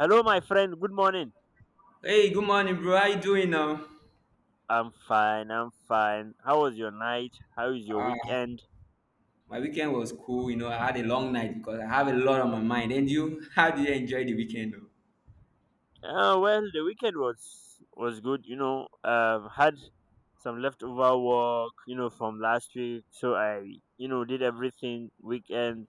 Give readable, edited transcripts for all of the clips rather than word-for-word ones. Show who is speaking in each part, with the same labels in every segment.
Speaker 1: Hello, my friend. Good morning.
Speaker 2: Hey, good morning, bro. How you doing now?
Speaker 1: I'm fine. I'm fine. How was your night? How is your
Speaker 2: Ah,
Speaker 1: weekend?
Speaker 2: my weekend was cool. You know, I had a long night because I have a lot on my mind. And you, how did you enjoy the weekend? Though?
Speaker 1: Well, the weekend was good. Had some leftover work, from last week. So I did everything weekend,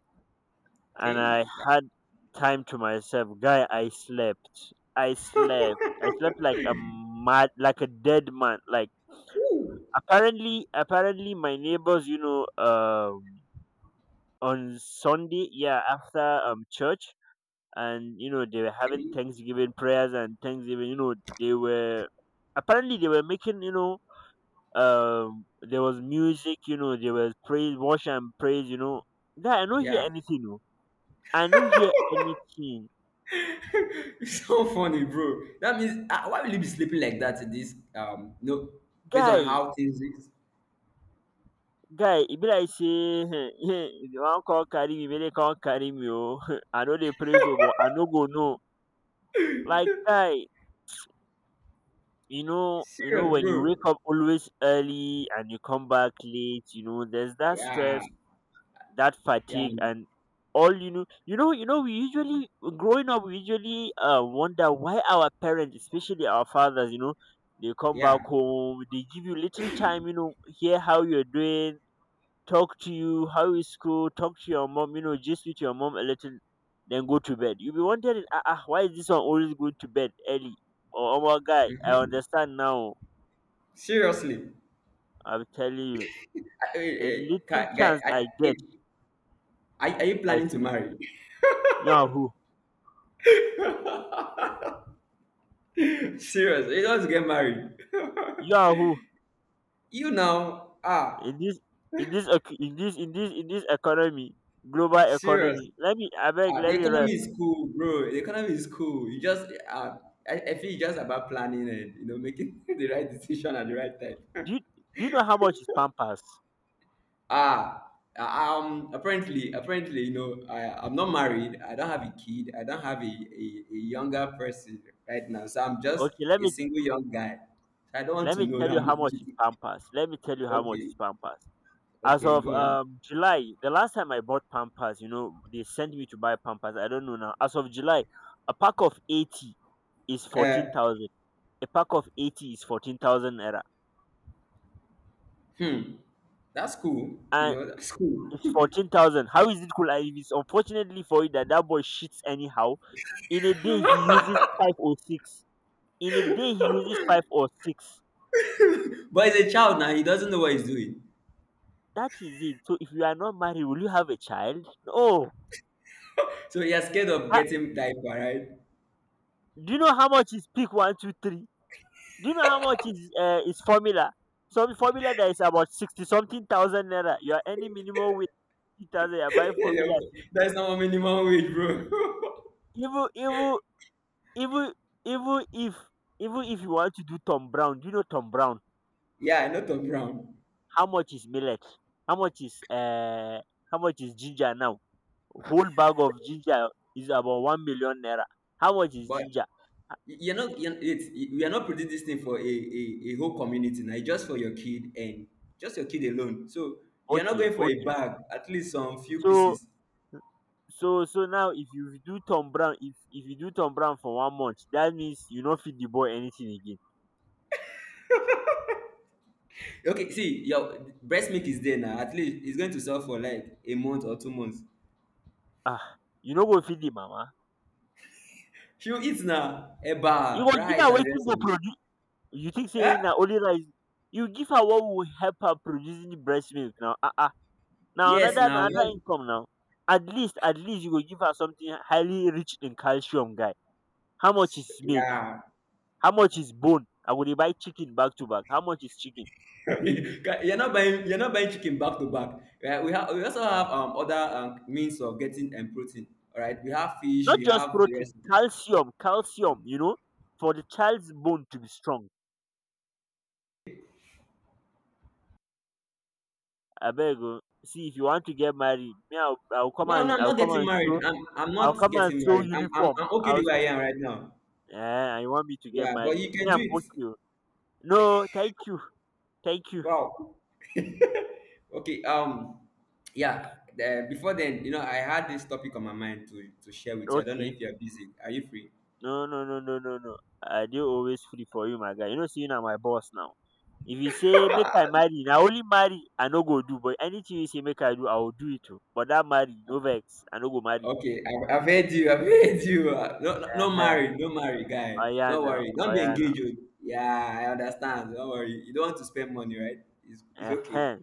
Speaker 1: and
Speaker 2: Okay.
Speaker 1: I
Speaker 2: Yeah.
Speaker 1: had time to myself. Guy, I slept. I slept. I slept like a mad, like a dead man. Like
Speaker 2: Ooh.
Speaker 1: apparently, my neighbors, on Sunday, yeah, after church. And you know they were having
Speaker 2: Okay.
Speaker 1: Thanksgiving prayers and Thanksgiving. They were they were making, there was music. You know there was praise, worship and praise. Guy, I don't hear
Speaker 2: Yeah.
Speaker 1: anything. No, I don't hear anything,
Speaker 2: It's so funny, bro. That means why will you be sleeping like that? To this no, based on
Speaker 1: guy.
Speaker 2: how things is.
Speaker 1: Guy, it be like say, if you want call carry me, may they call carry me. Oh, I know they praise, oh, but I no go no. Like guy, you know
Speaker 2: Serious,
Speaker 1: when you
Speaker 2: bro.
Speaker 1: wake up always early and you come back late, there's that
Speaker 2: Yeah.
Speaker 1: stress, that
Speaker 2: Yeah.
Speaker 1: fatigue, and all. You know, we usually growing up, we usually wonder why our parents, especially our fathers, you know, they come back
Speaker 2: Yeah.
Speaker 1: home, they give you little time, hear how you're doing, talk to you, how is school, talk to your mom, just with your mom a little, then go to bed. You'll be wondering, ah, ah, why is this one always going to bed early? Oh, oh, my guy, I
Speaker 2: hmm
Speaker 1: understand now.
Speaker 2: Seriously.
Speaker 1: I'm telling you,
Speaker 2: Wait,
Speaker 1: the little
Speaker 2: guy, guy,
Speaker 1: chance I get,
Speaker 2: wait. Are you
Speaker 1: I
Speaker 2: planning to
Speaker 1: sleep.
Speaker 2: marry?
Speaker 1: Yahoo,
Speaker 2: Serious. You just get married.
Speaker 1: yahoo.
Speaker 2: You now
Speaker 1: In this, in this economy, global
Speaker 2: serious.
Speaker 1: economy. Let me, I beg,
Speaker 2: The
Speaker 1: let me
Speaker 2: economy
Speaker 1: rest.
Speaker 2: is cool, bro. The economy is cool. You just I feel it's just about planning and you know making the right decision at the right time.
Speaker 1: Do you, do you know how much is Pampers?
Speaker 2: ah apparently you know I'm not married. I don't have a kid. I don't have a younger person right now, so I'm just
Speaker 1: Okay,
Speaker 2: a single young guy, so I don't want
Speaker 1: let
Speaker 2: to
Speaker 1: me
Speaker 2: know
Speaker 1: tell
Speaker 2: that
Speaker 1: you how
Speaker 2: much.
Speaker 1: much is Pampers. Let me tell you how much
Speaker 2: Okay.
Speaker 1: is Pampers. As
Speaker 2: Okay,
Speaker 1: of
Speaker 2: go on.
Speaker 1: July, the last time I bought Pampers, you know, they sent me to buy Pampers. I don't know now. As of July, a pack of 80 is fourteen
Speaker 2: uh
Speaker 1: thousand. A pack of 80 is 14,000,
Speaker 2: hmm That's cool. You
Speaker 1: and
Speaker 2: know, that's cool.
Speaker 1: it's 14,000. How is it cool? And if it's unfortunately for you that that boy shits anyhow. In a day he uses five or six. In a day he uses five or six.
Speaker 2: But he's a child now. He doesn't know what he's doing.
Speaker 1: That is it. So if you are not married, will you have a child? No.
Speaker 2: So he is scared of
Speaker 1: That-
Speaker 2: getting diaper, right?
Speaker 1: do you know how much is peak 1 2 3? Do you know how much is formula? Some formula that is about 60 something thousand naira. You are any minimum with 50,000. You are buying
Speaker 2: You
Speaker 1: formula.
Speaker 2: know, that's not minimum wage, bro.
Speaker 1: Even even even even if even if you want to do Tom Brown. Do you know Tom Brown?
Speaker 2: Yeah, not on Brown.
Speaker 1: How much is millet? how much is uh how much is ginger now? Whole bag of ginger is about 1 million naira. How much is
Speaker 2: But
Speaker 1: ginger?
Speaker 2: you're not, you're, it's, we are not putting this thing for a whole community now. It's just for your kid and just your kid alone. So you're not
Speaker 1: Okay,
Speaker 2: going for a
Speaker 1: okay.
Speaker 2: bag, at least some few
Speaker 1: so
Speaker 2: pieces.
Speaker 1: so so now, if you do tom brown if you do Tom Brown for one month, that means you no feed the boy anything again.
Speaker 2: Okay, see, your breast milk is there now. At least it's going to sell for like a month or 2 months.
Speaker 1: Ah, you no go feed the mama.
Speaker 2: She'll eat now.
Speaker 1: You
Speaker 2: Eba,
Speaker 1: go give
Speaker 2: rice,
Speaker 1: her
Speaker 2: and the
Speaker 1: wetin
Speaker 2: rest
Speaker 1: go
Speaker 2: of it.
Speaker 1: produce. You think say
Speaker 2: Huh?
Speaker 1: na only rice? You give her what will help her producing the breast milk now. Ah, ah. Now
Speaker 2: Yes,
Speaker 1: another
Speaker 2: now.
Speaker 1: na another income now. At least, at least you go give her something highly rich in calcium, guy. How much is milk?
Speaker 2: Yeah.
Speaker 1: How much is bone? I go dey buy chicken back to back. How much is chicken?
Speaker 2: You're not buying chicken back to back. Right? We also have other means of getting protein. All right. We have fish.
Speaker 1: Not
Speaker 2: We
Speaker 1: just
Speaker 2: have the
Speaker 1: protein,
Speaker 2: rest.
Speaker 1: calcium, calcium, you know, for the child's bone to be strong. Abeg o, see, if you want to get married, me, I will come
Speaker 2: No, no,
Speaker 1: and
Speaker 2: I'm
Speaker 1: I will
Speaker 2: not
Speaker 1: come
Speaker 2: getting
Speaker 1: and
Speaker 2: married.
Speaker 1: sew.
Speaker 2: I'm
Speaker 1: I will
Speaker 2: not
Speaker 1: come and
Speaker 2: getting
Speaker 1: sew
Speaker 2: married.
Speaker 1: uniform.
Speaker 2: I'm okay
Speaker 1: I will
Speaker 2: the
Speaker 1: s
Speaker 2: way I am right now.
Speaker 1: Eh, and you want me to get
Speaker 2: Yeah, but
Speaker 1: married?
Speaker 2: you can
Speaker 1: Me,
Speaker 2: do
Speaker 1: I'm
Speaker 2: it.
Speaker 1: okay o. No, thank you, thank you.
Speaker 2: Wow. Okay. Yeah. Before then, you know, I had this topic on my mind to share with you. I don't know
Speaker 1: Okay.
Speaker 2: if you're busy. Are you free?
Speaker 1: No, no, no, no, no, no. I dey always free for you, my guy. You know, say you na my boss now. If you say make I marry, na only marry I no go do. But anything you say make I do, I will do it too. But that marry, no vex. I no go marry.
Speaker 2: Okay, I've heard you. I've heard you. No, no, no
Speaker 1: Uh-huh.
Speaker 2: marry, no marry,
Speaker 1: Oh
Speaker 2: guy.
Speaker 1: yeah,
Speaker 2: Don't
Speaker 1: now.
Speaker 2: worry. Don't
Speaker 1: Oh
Speaker 2: be
Speaker 1: yeah, now.
Speaker 2: engaged. Oh. Yeah, I understand. Don't worry. You don't want to spend money, right? It's okay.
Speaker 1: Uh-huh.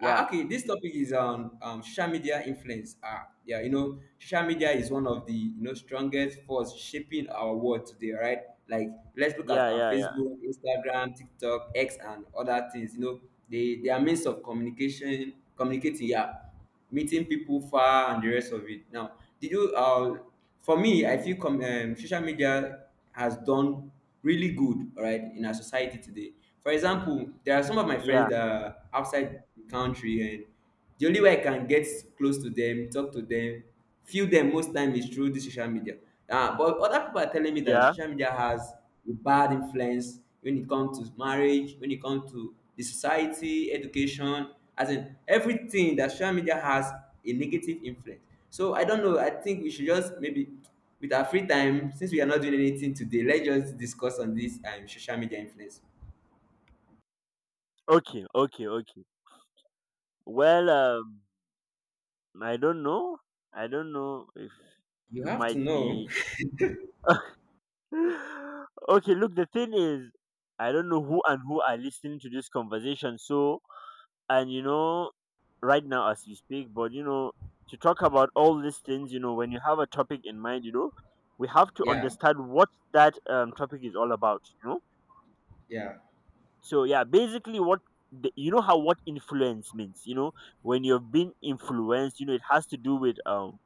Speaker 2: Okay, this topic is on social media influence. Yeah, you know, social media is one of the you know strongest force shaping our world today, right? Like, let's look at
Speaker 1: yeah, yeah, yeah,
Speaker 2: Facebook, Instagram, TikTok, X, and other things. You know, they are means of communication, communicating. Yeah, meeting people far and the rest of it. Now, did you? For me, I feel social media has done really good, all right, in our society today. For example, there are some of my friends
Speaker 1: yeah,
Speaker 2: that are outside the country, and the only way I can get close to them, talk to them, feel them most time is through the social media. Ah, but other people are telling me that
Speaker 1: yeah.
Speaker 2: social media has with bad influence when it comes to marriage, when it comes to the society, education, as in everything that social media has a negative influence. So I don't know. I think we should just maybe with our free time, since we are not doing anything today, let's just discuss on this social media influence.
Speaker 1: Okay, okay, okay. Well, I don't know. I don't know if
Speaker 2: You
Speaker 1: you
Speaker 2: have to
Speaker 1: might
Speaker 2: know.
Speaker 1: be, okay, look, the thing is, I don't know who and who are listening to this conversation. So, and you know, right now as you speak, but you know, to talk about all these things, you know, when you have a topic in mind, you know, we have to
Speaker 2: Yeah,
Speaker 1: understand what that topic is all about, you know.
Speaker 2: yeah,
Speaker 1: So, yeah, basically, what the, you know, how what influence means, you know, when you've been influenced, you know, it has to do with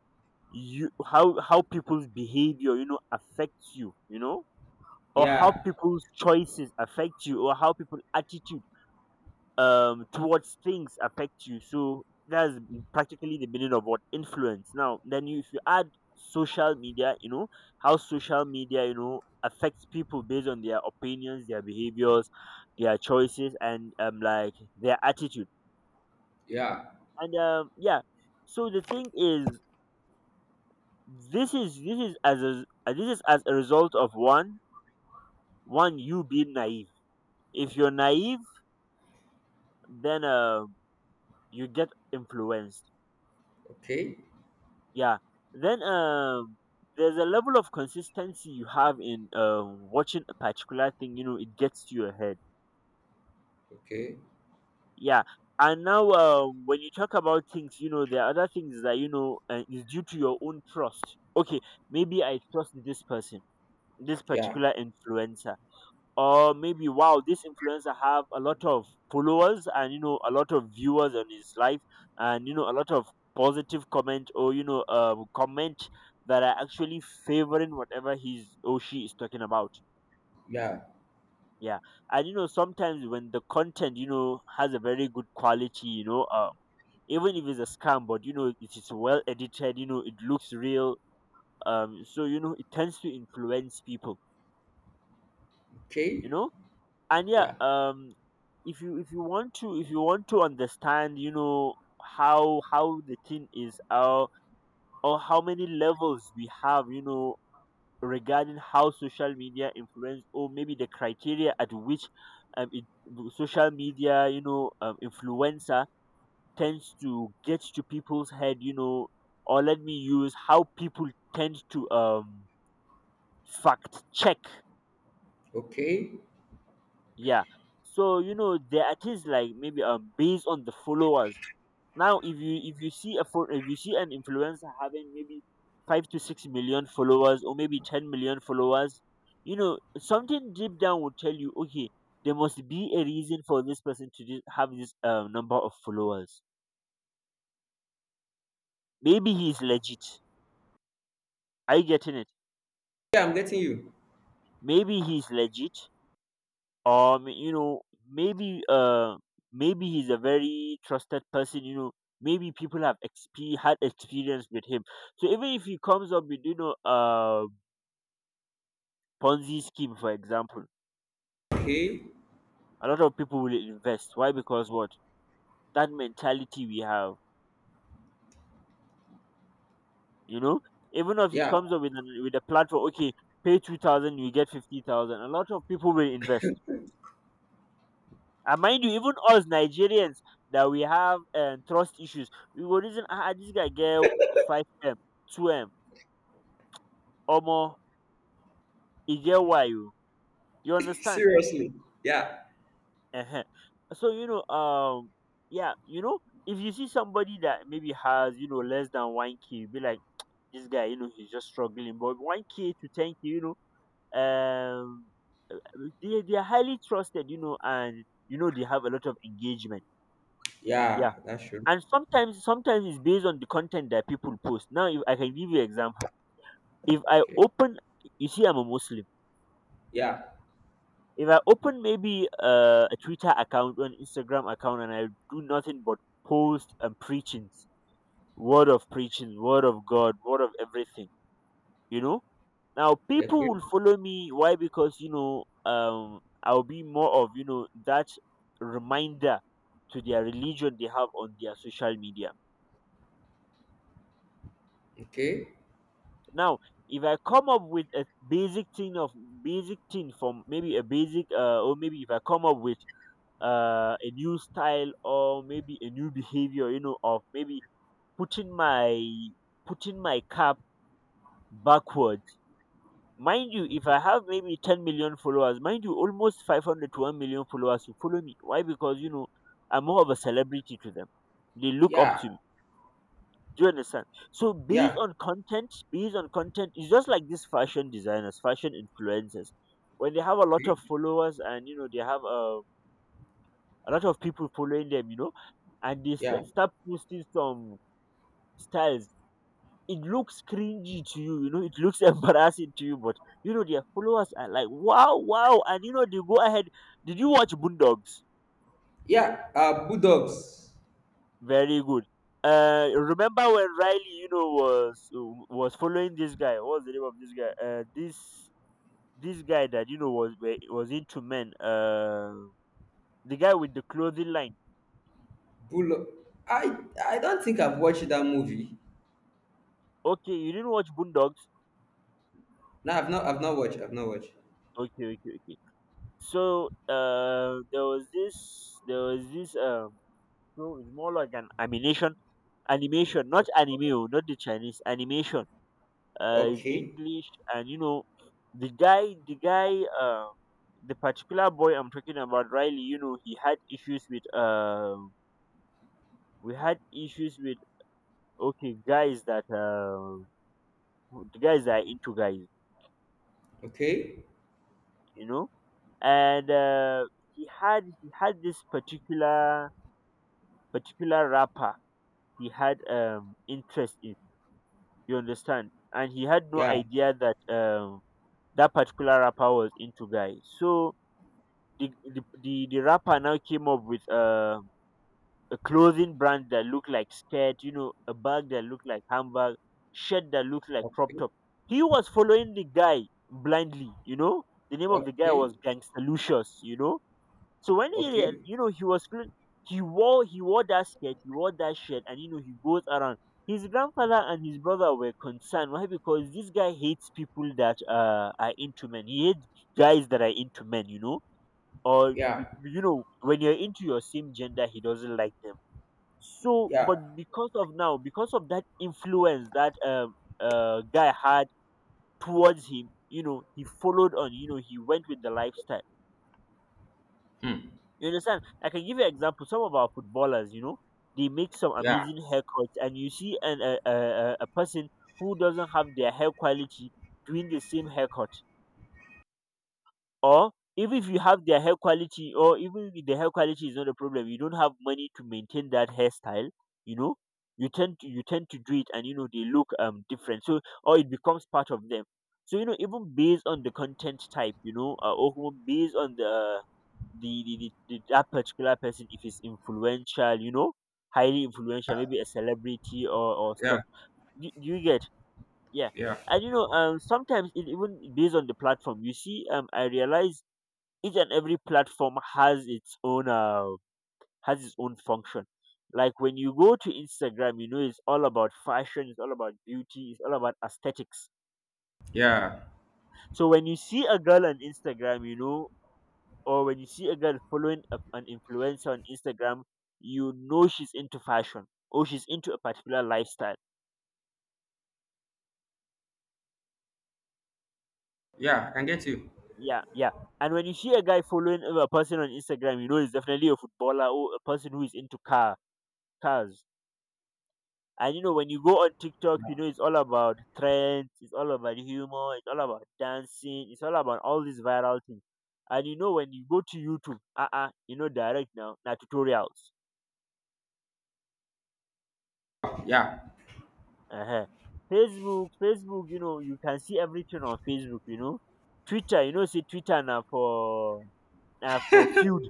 Speaker 1: you, how people's behavior, you know, affects you, you know, or how
Speaker 2: yeah,
Speaker 1: people's choices affect you, or how people's attitude towards things affect you. So that's practically the meaning of what influence. Now then you, if you add social media, you know, how social media you know affects people based on their opinions, their behaviors, their choices, and like their attitude.
Speaker 2: yeah.
Speaker 1: And yeah, so the thing is, this is as a this is as a result of one, one, you being naive. If you're naive, then you get influenced.
Speaker 2: Okay,
Speaker 1: Yeah. Then there's a level of consistency you have in watching a particular thing, you know, it gets to your head.
Speaker 2: okay,
Speaker 1: Yeah. And now when you talk about things, you know, there are other things that, you know, is due to your own trust. Okay, maybe I trust this person, this
Speaker 2: yeah,
Speaker 1: particular influencer, or maybe, wow, this influencer have a lot of followers, and you know a lot of viewers on his life, and you know a lot of positive comment, or, you know, comment that are actually favoring whatever he's or she is talking about.
Speaker 2: yeah,
Speaker 1: Yeah. And you know sometimes when the content, you know, has a very good quality, you know, even if it's a scam, but you know it is well edited, you know it looks real, so you know it tends to influence people, you
Speaker 2: okay,
Speaker 1: know. And yeah,
Speaker 2: yeah,
Speaker 1: if you, if you want to understand, you know, how the thing is, or how many levels we have, you know, regarding how social media influence, or maybe the criteria at which um it, social media, you know, influencer tends to get to people's head, you know, or let me use how people tend to fact check.
Speaker 2: okay.
Speaker 1: Yeah. So you know there are things like, maybe, based on the followers. Now, if you, if you see an influencer having maybe 5 to 6 million followers, or maybe 10 million followers, you know, something deep down would tell you, okay, there must be a reason for this person to just have this number of followers. Maybe he's legit. Are you getting it?
Speaker 2: Yeah, I'm getting you.
Speaker 1: Maybe he's legit. Or you know, maybe maybe he's a very trusted person, you know, maybe people have had experience with him. So even if he comes up with, you know, ponzi scheme, for example,
Speaker 2: Okay,
Speaker 1: a lot of people will invest. Why? Because what, that mentality we have, you know, even if he
Speaker 2: yeah.
Speaker 1: comes up with an, with a platform, okay, pay 2000 you get 50,000, a lot of people will invest. And mind you, even us Nigerians that we have trust issues, we will reason, ah, ah, this guy get 5M, 2M, or more. He get why, you. You understand?
Speaker 2: Seriously. Yeah.
Speaker 1: uh so you know, yeah, you know, if you see somebody that maybe has, you know, less than 1K, you be like, this guy, you know, he's just struggling. But 1K to 10K, you know, uh, they are highly trusted, you know, and, you know, they have a lot of engagement. Yeah.
Speaker 2: Yeah, that's true.
Speaker 1: And sometimes, sometimes it's based on the content that people post. Now, if I can give you example. If I
Speaker 2: Okay.
Speaker 1: open, you see, I'm a Muslim.
Speaker 2: Yeah.
Speaker 1: If I open, maybe a Twitter account or an Instagram account, and I do nothing but post and preachings, word of preaching, word of God, word of everything, you know, now
Speaker 2: Okay.
Speaker 1: people will follow me. Why? Because, you know, I'll be more of, you know, that reminder to their religion they have on their social media.
Speaker 2: Okay.
Speaker 1: Now, if I come up with a basic thing of basic thing from maybe a basic, or maybe if I come up with a new style or maybe a new behavior, you know, of maybe putting my putting my cap backward. Mind you, if I have maybe 10 million followers, mind you, almost 500 to 1 million followers who follow me. Why? Because, you know, I'm more of a celebrity to them. They look up
Speaker 2: Yeah.
Speaker 1: to me. Do you understand? So,
Speaker 2: Yeah.
Speaker 1: based on content, it's just like these fashion designers, fashion influencers. When they have a lot
Speaker 2: Okay.
Speaker 1: of followers and, you know, they have a lot of people following them, you know, and
Speaker 2: Yeah.
Speaker 1: start posting some styles. It looks cringy to you, you know, it looks embarrassing to you, but you know, their followers are like, wow, wow, and you know, they go ahead. Did you watch Boondogs?
Speaker 2: Yeah. Bulldogs.
Speaker 1: Very good. Remember when Riley, you know, was following this guy? What's the name of this guy? This guy that you know was into men. The guy with the clothing line.
Speaker 2: Bull I I don't think I've watched that movie.
Speaker 1: Okay, you didn't watch Boondogs.
Speaker 2: No, I've not watched. I've not watched.
Speaker 1: Okay, okay, okay. So there was this so it's more like an animation, animation, not anime, oh, not the Chinese animation. Is
Speaker 2: Okay.
Speaker 1: English, and you know, the guy, the particular boy I'm talking about, Riley. You know, he had issues with. We had issues with okay guys that the guys that are into guys,
Speaker 2: Okay.
Speaker 1: you know, and he had this particular particular rapper he had interest in. You understand? And he had no
Speaker 2: Yeah.
Speaker 1: idea that that particular rapper was into guy. So the the rapper now came up with a clothing brand that looked like skirt, you know, a bag that looked like handbag, shirt that looked like crop
Speaker 2: Okay.
Speaker 1: top. He was following the guy blindly, you know. The name of the guy
Speaker 2: Okay.
Speaker 1: was Gangsta Lucius, you know, so
Speaker 2: Okay.
Speaker 1: you know, he wore that skirt, he wore that shirt, and you know, he goes around. His grandfather and his brother were concerned. Why? Because this guy hates people that are into men. He hates guys that are into men, you know,
Speaker 2: Yeah.
Speaker 1: you know, when you're into your same gender, he doesn't like them. So,
Speaker 2: Yeah.
Speaker 1: but because of that influence that guy had towards him, you know, he followed on. You know, he went with the lifestyle.
Speaker 2: Hmm.
Speaker 1: You understand? I can give you example. Some of our footballers, you know, they make some
Speaker 2: Yeah.
Speaker 1: amazing haircuts, and you see an, a person who doesn't have their hair quality doing the same haircut. Or even if you have their hair quality, or even if the hair quality is not a problem, you don't have money to maintain that hairstyle. You know, you tend to do it, and you know they look different. So or it becomes part of them. So you know, even based on the content type, you know, or even based on the that particular person, if it's influential, you know, highly influential, maybe a celebrity or
Speaker 2: Yeah.
Speaker 1: stuff, you get, yeah.
Speaker 2: Yeah.
Speaker 1: And you know sometimes it even based on the platform, you see I realize each and every platform has its own function. Like when you go to Instagram, you know it's all about fashion, it's all about beauty, it's all about aesthetics.
Speaker 2: Yeah.
Speaker 1: So when you see a girl on Instagram, or when you see a girl following an influencer on Instagram, you know she's into fashion or she's into a particular lifestyle.
Speaker 2: Yeah. I can get you.
Speaker 1: Yeah, yeah. And when you see a guy following a person on Instagram, you know he's definitely a footballer or a person who is into cars. And you know when you go on TikTok, you know it's all about trends, it's all about humor, it's all about dancing, it's all about all these viral things. And you know when you go to YouTube, you know direct now tutorials.
Speaker 2: Yeah.
Speaker 1: uh Facebook, Facebook, you know, you can see everything on Facebook, you know. Twitter, you know, see Twitter now for na for feud,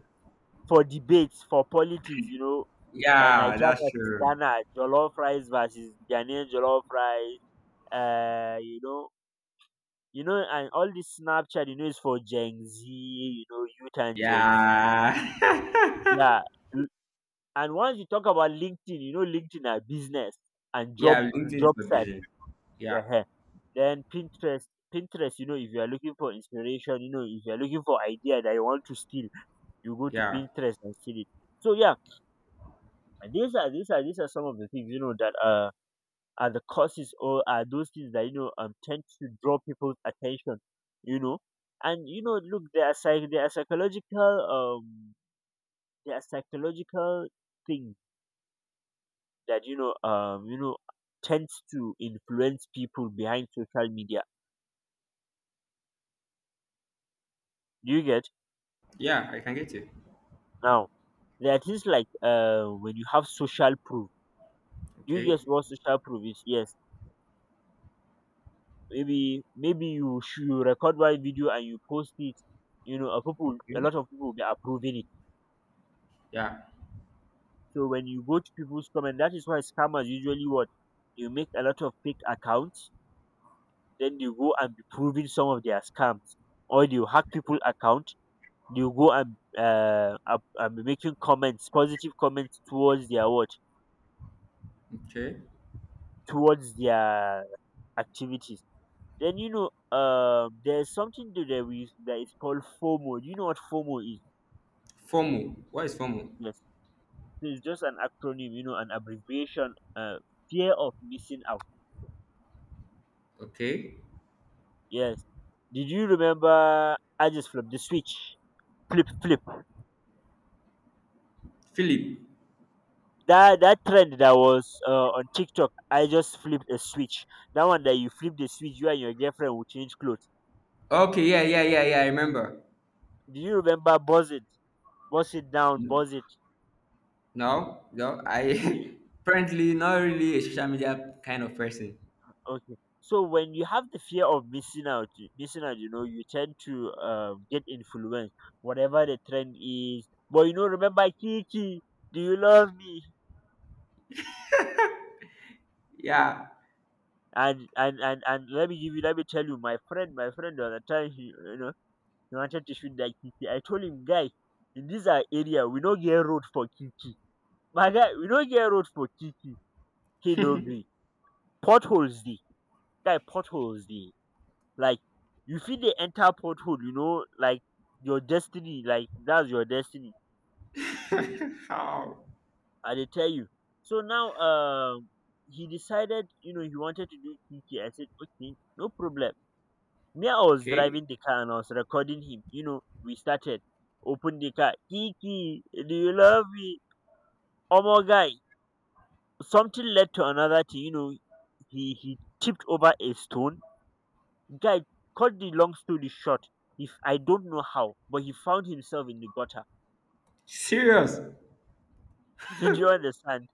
Speaker 1: for debates, for politics, you know. And
Speaker 2: Yeah,
Speaker 1: Nigeria
Speaker 2: that's
Speaker 1: versus
Speaker 2: true.
Speaker 1: Ghana, Jollof rice versus Ghanaian Jollof rice, uh, you know, you know, and all this Snapchat, you know, is for Gen Z, you know, youth and Gen Z.
Speaker 2: Yeah.
Speaker 1: Yeah. l- And once you talk about LinkedIn, you know, LinkedIn are business and
Speaker 2: Yeah, LinkedIn is
Speaker 1: job
Speaker 2: my
Speaker 1: search.
Speaker 2: business. Yeah,
Speaker 1: uh Then Pinterest, Pinterest, you know, if you are looking for inspiration, you know, if you are looking for idea that you want to steal, you go to
Speaker 2: yeah,
Speaker 1: Pinterest and steal it. So yeah, these are some of the things you know that are the causes or are those things that you know tend to draw people's attention, you know, and you know, look, there are psychological there are psychological things that you know tends to influence people behind social media. Do you get?
Speaker 2: yeah, I can get it.
Speaker 1: Now there are things like when you have social proof. Do you
Speaker 2: Okay,
Speaker 1: guess what social proof is? Yes, maybe you record one video and you post it, you know a people, a
Speaker 2: okay,
Speaker 1: lot of people will be approving it.
Speaker 2: yeah,
Speaker 1: So when you go to people's comment, that is why scammers usually what, you make a lot of fake accounts, then they go and be proving some of their scams, or they will hack people account, they will go and and be making comments, positive comments towards their what,
Speaker 2: okay.
Speaker 1: towards their activities. Then you know, there's something to that we that is called FOMO. Do you know what FOMO is?
Speaker 2: FOMO. What is FOMO?
Speaker 1: Yes, so it's just an acronym, you know, an abbreviation. Fear of missing out.
Speaker 2: Okay.
Speaker 1: Yes. Did you remember I just flipped the switch? Flip.
Speaker 2: Philip.
Speaker 1: That that trend that was on TikTok. I just flipped a switch. That one that you flip the switch, you and your girlfriend will change clothes.
Speaker 2: Okay, yeah, yeah, yeah, yeah, I remember.
Speaker 1: Do you remember buzz it?
Speaker 2: N-
Speaker 1: Buzz it.
Speaker 2: No, no,
Speaker 1: You,
Speaker 2: I apparently not really a social media kind of person.
Speaker 1: Okay. So when you have the fear of missing out, missing out, you know, you tend to get influenced, whatever the trend is. But you know, remember, Kiki, do you love me?
Speaker 2: Yeah.
Speaker 1: And let me give you, let me tell you, my friend, the other time he, you know, he wanted to shoot that Kiki. I told him, guy, in this our area, we don't get road for Kiki. My guy, we don't get road for Kiki. He no gree. Potholes the guy, potholes the, like, you feel they enter pothole, you know, like your destiny, like that's your destiny.
Speaker 2: How?
Speaker 1: I dey tell you. So now he decided, you know, he wanted to do Kiki. I said okay, no problem. Me I was
Speaker 2: Okay.
Speaker 1: driving the car and I was recording him, you know, we started, open the car, Kiki, do you love me? Oh my guy, something led to another thing, you know, he tipped over a stone. Guy, cut the long story short, if I don't know how, but he found himself in the gutter.
Speaker 2: Serious.
Speaker 1: Did you understand?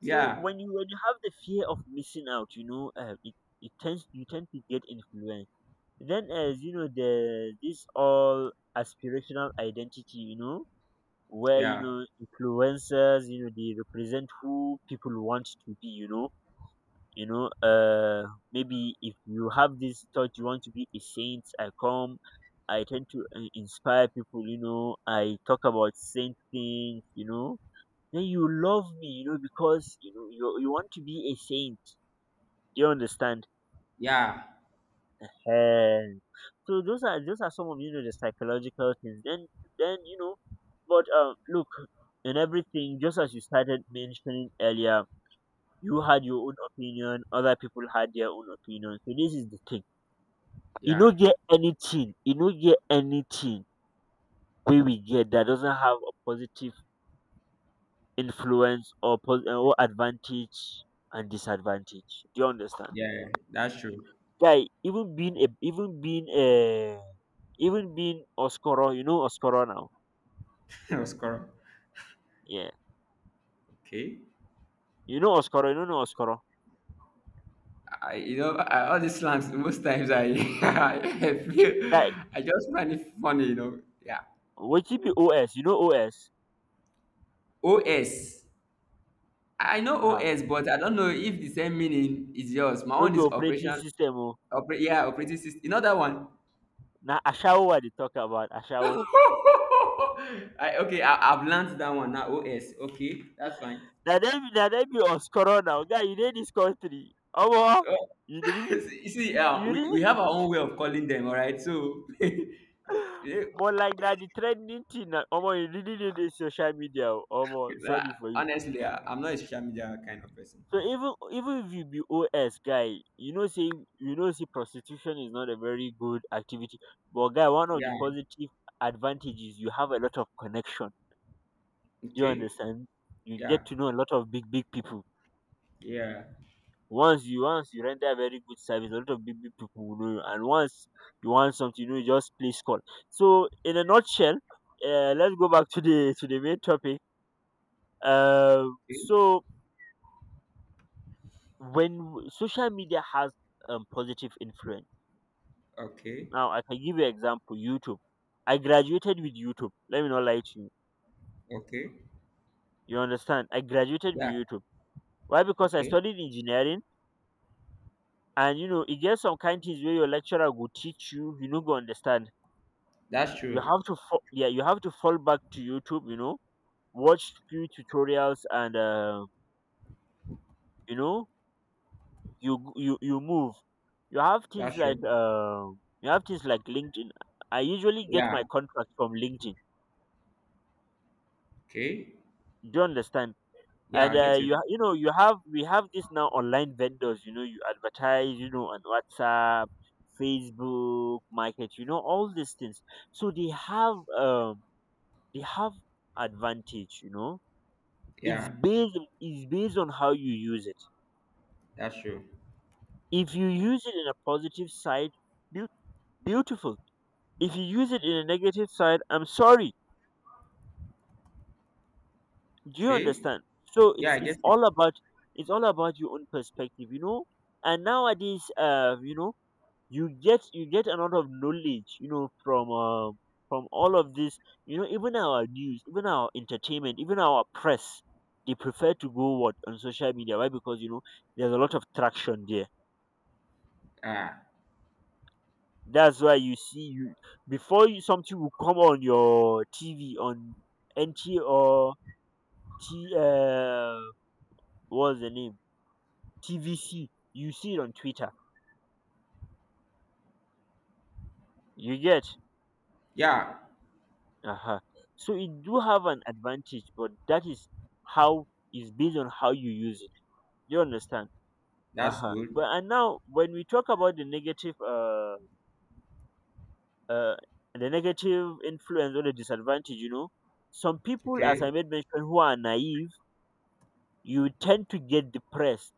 Speaker 1: So
Speaker 2: Yeah,
Speaker 1: when you have the fear of missing out, you know, it tends, you tend to get influenced. Then as you know, the this all aspirational identity, you know, where you
Speaker 2: yeah,
Speaker 1: know influencers, you know, they represent who people want to be, you know. You know, maybe if you have this thought you want to be a saint, I come, I tend to inspire people, you know, I talk about saint things, you know, then you love me, you know, because you want to be a saint. Do you understand?
Speaker 2: yeah,
Speaker 1: And so those are some of, you know, the psychological things. Then you know, but look, in everything, just as you started mentioning earlier, you had your own opinion, other people had their own opinion, so this is the thing.
Speaker 2: yeah,
Speaker 1: You don't get anything where we get that doesn't have a positive influence, or advantage and disadvantage. Do you understand?
Speaker 2: yeah, yeah, that's true.
Speaker 1: Guy, even being Oskoro, you know Oskoro now.
Speaker 2: That was correct.
Speaker 1: Yeah.
Speaker 2: Okay.
Speaker 1: You know Oskoro, you don't know Oskoro.
Speaker 2: I You know all these slangs most times I I feel
Speaker 1: Guy,
Speaker 2: I just find it funny, you know. Yeah.
Speaker 1: wetin be OS? You know OS?
Speaker 2: O S. I know
Speaker 1: Huh?
Speaker 2: OS, but I don't know if the same meaning is yours. My
Speaker 1: No
Speaker 2: one
Speaker 1: be
Speaker 2: is
Speaker 1: operating
Speaker 2: operation.
Speaker 1: system oh.
Speaker 2: Oper Yeah, operating system. You know that one?
Speaker 1: Now ashawo what they talk about, ashawo.
Speaker 2: Okay, I've learned that one now. OS. Okay, that's fine.
Speaker 1: Now dem be Oskoro now. Guy, you dey this country. Omo,
Speaker 2: Oh,
Speaker 1: you really,
Speaker 2: you see,
Speaker 1: you
Speaker 2: we
Speaker 1: really,
Speaker 2: have our own way of calling them, all right? So, yeah,
Speaker 1: but like that the trending thing na omo, you really need this social media oh. Omo
Speaker 2: nah,
Speaker 1: sorry for you.
Speaker 2: honestly, I'm not a social media kind of person.
Speaker 1: So even if you be OS guy, you know say, you know say prostitution is not a very good activity. But guy, one of the
Speaker 2: Yeah.
Speaker 1: positive advantages, you have a lot of connection. Do you
Speaker 2: Okay.
Speaker 1: understand? You
Speaker 2: Yeah.
Speaker 1: get to know a lot of big big people.
Speaker 2: Yeah.
Speaker 1: Once you render a very good service, a lot of big big people will know you. And once you want something new, just please call. So in a nutshell, let's go back to the main topic. Um,
Speaker 2: Okay.
Speaker 1: so when social media has positive influence.
Speaker 2: Okay.
Speaker 1: Now I can give you example, YouTube. I graduated with YouTube. Let me not lie to you.
Speaker 2: Okay.
Speaker 1: You understand? I graduated with
Speaker 2: Yeah.
Speaker 1: YouTube. Why? Because I
Speaker 2: Okay.
Speaker 1: studied engineering and you know it gets some kind things where your lecturer will teach you, you no go understand.
Speaker 2: That's
Speaker 1: You
Speaker 2: true.
Speaker 1: have to yeah, you have to fall back to YouTube, you know, watch few tutorials and you know, you you move. You have things
Speaker 2: That's
Speaker 1: like
Speaker 2: true.
Speaker 1: you have things like LinkedIn. I usually get
Speaker 2: Yeah.
Speaker 1: my contract from LinkedIn.
Speaker 2: Okay.
Speaker 1: Do you understand?
Speaker 2: Yeah,
Speaker 1: And
Speaker 2: I get
Speaker 1: you
Speaker 2: you.
Speaker 1: you know you have, we have this now online vendors, you know, you advertise, you know, on WhatsApp, Facebook market, you know, all these things. So they have they have advantage you know. it's
Speaker 2: Yeah.
Speaker 1: based it's based on how you use it.
Speaker 2: That's true.
Speaker 1: If you use it in a positive side, beau- beautiful. If you use it in a negative side, I'm sorry. Do you
Speaker 2: Okay.
Speaker 1: understand? So
Speaker 2: Yeah,
Speaker 1: it's
Speaker 2: I
Speaker 1: it's
Speaker 2: get it.
Speaker 1: all about, it's all about your own perspective, you know. And nowadays, you know, you get a lot of knowledge, you know, from all of this, you know. Even our news, even our entertainment, even our press, they prefer to go what on social media. Why? Because you know there's a lot of traction there.
Speaker 2: Ah.
Speaker 1: That's why you see, you, before you, something will come on your TV on NT or T, what's the name, TVC, you see it on Twitter. You get.
Speaker 2: Yeah.
Speaker 1: Uh-huh. So it do have an advantage, but that is how, is based on how you use it. You understand?
Speaker 2: That's
Speaker 1: Uh-huh.
Speaker 2: good.
Speaker 1: But and now when we talk about uh the negative influence or the disadvantage, you know, some people, as I
Speaker 2: Okay.
Speaker 1: made mention, who are naive, you tend to get depressed,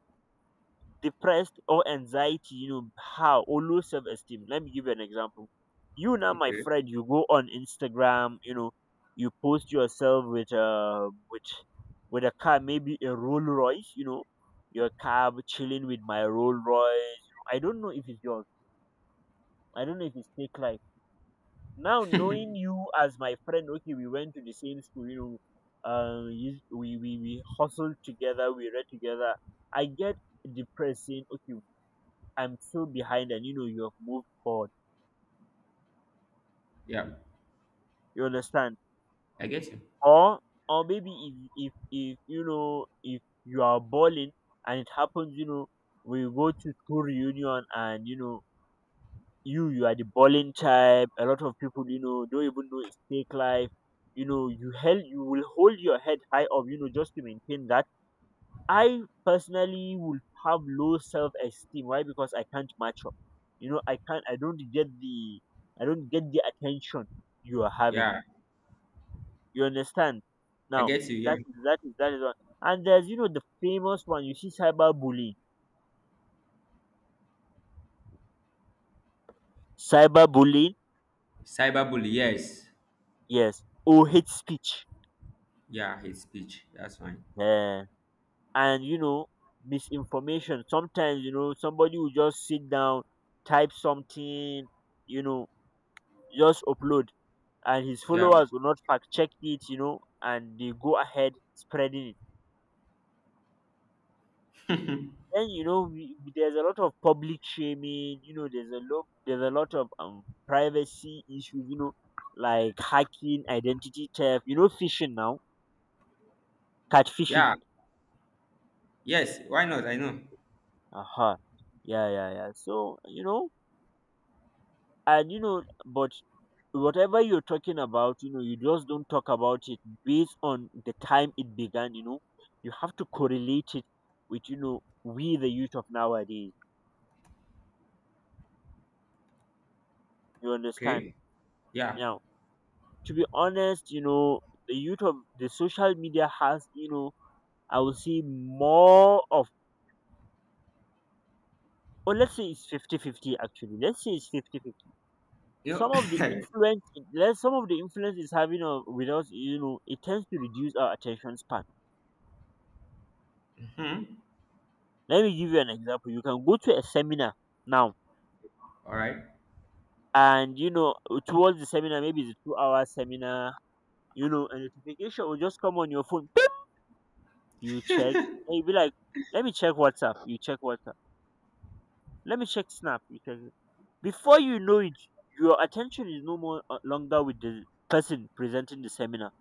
Speaker 1: or anxiety, you know, how, or low self esteem. Let me give you an example. You now, my
Speaker 2: Okay.
Speaker 1: friend, you go on Instagram, you know, you post yourself with a with a car, maybe a Rolls Royce, you know, your car chilling with my Rolls Royce. I don't know if it's yours. I don't know if it's fake life. Now knowing you as my friend, okay, we went to the same school, you know, we hustled together, we read together. I get depressed saying, okay, I'm still behind and you know you have moved forward.
Speaker 2: Yeah.
Speaker 1: You understand?
Speaker 2: I get you.
Speaker 1: Or or maybe if you know if you are balling and it happens, you know, we go to school reunion and you know you are the balling type. A lot of people, you know, don't even know it's fake life. You know you will hold your head high up, you know, just to maintain that. I personally would have low self esteem. Why? Because I can't match up. You know, I don't get the, I don't get the attention you are having.
Speaker 2: Yeah.
Speaker 1: You understand?
Speaker 2: I
Speaker 1: Now
Speaker 2: get you. Yeah.
Speaker 1: that is, that is one. And there's, you know, the famous one, you see, cyberbullying. Cyberbullying,
Speaker 2: Cyberbully. Yes.
Speaker 1: yes. Or hate speech.
Speaker 2: Yeah. Hate speech. That's fine.
Speaker 1: Yeah. And you know, misinformation. Sometimes, you know, somebody will just sit down, type something, you know, just upload, and his
Speaker 2: Yeah.
Speaker 1: followers will not fact check it, you know, and they go ahead spreading it. Then you know we, there's a lot of public shaming, you know, there's a lot, of privacy issues, you know, like hacking, identity theft, you know, phishing now, catfishing.
Speaker 2: Yeah. Yes. Why not? I know.
Speaker 1: Aha. Yeah, yeah, yeah. So, you know, and you know, but whatever you're talking about, you know, you just don't talk about it based on the time it began, you know. You have to correlate it with, you know, we the youth of nowadays. You understand?
Speaker 2: Okay. Yeah.
Speaker 1: Now, to be honest, you know, the youth of the social media has, you know, I will say more of, or let's say it's 50 50 actually. Let's say it's 50 50.
Speaker 2: You.
Speaker 1: Some of the influence, let's, some of the influence is having with us, you know, it tends to reduce our attention span.
Speaker 2: hmm
Speaker 1: Let me give you an example. You can go to a seminar now,
Speaker 2: All right,
Speaker 1: and you know, towards the seminar, maybe it's a 2 hour seminar, you know, a notification will just come on your phone. Beep! You check, and you'll be like, let me check WhatsApp. You check WhatsApp. Let me check Snap. You check. Before you know it, your attention is no more longer with the person presenting the seminar,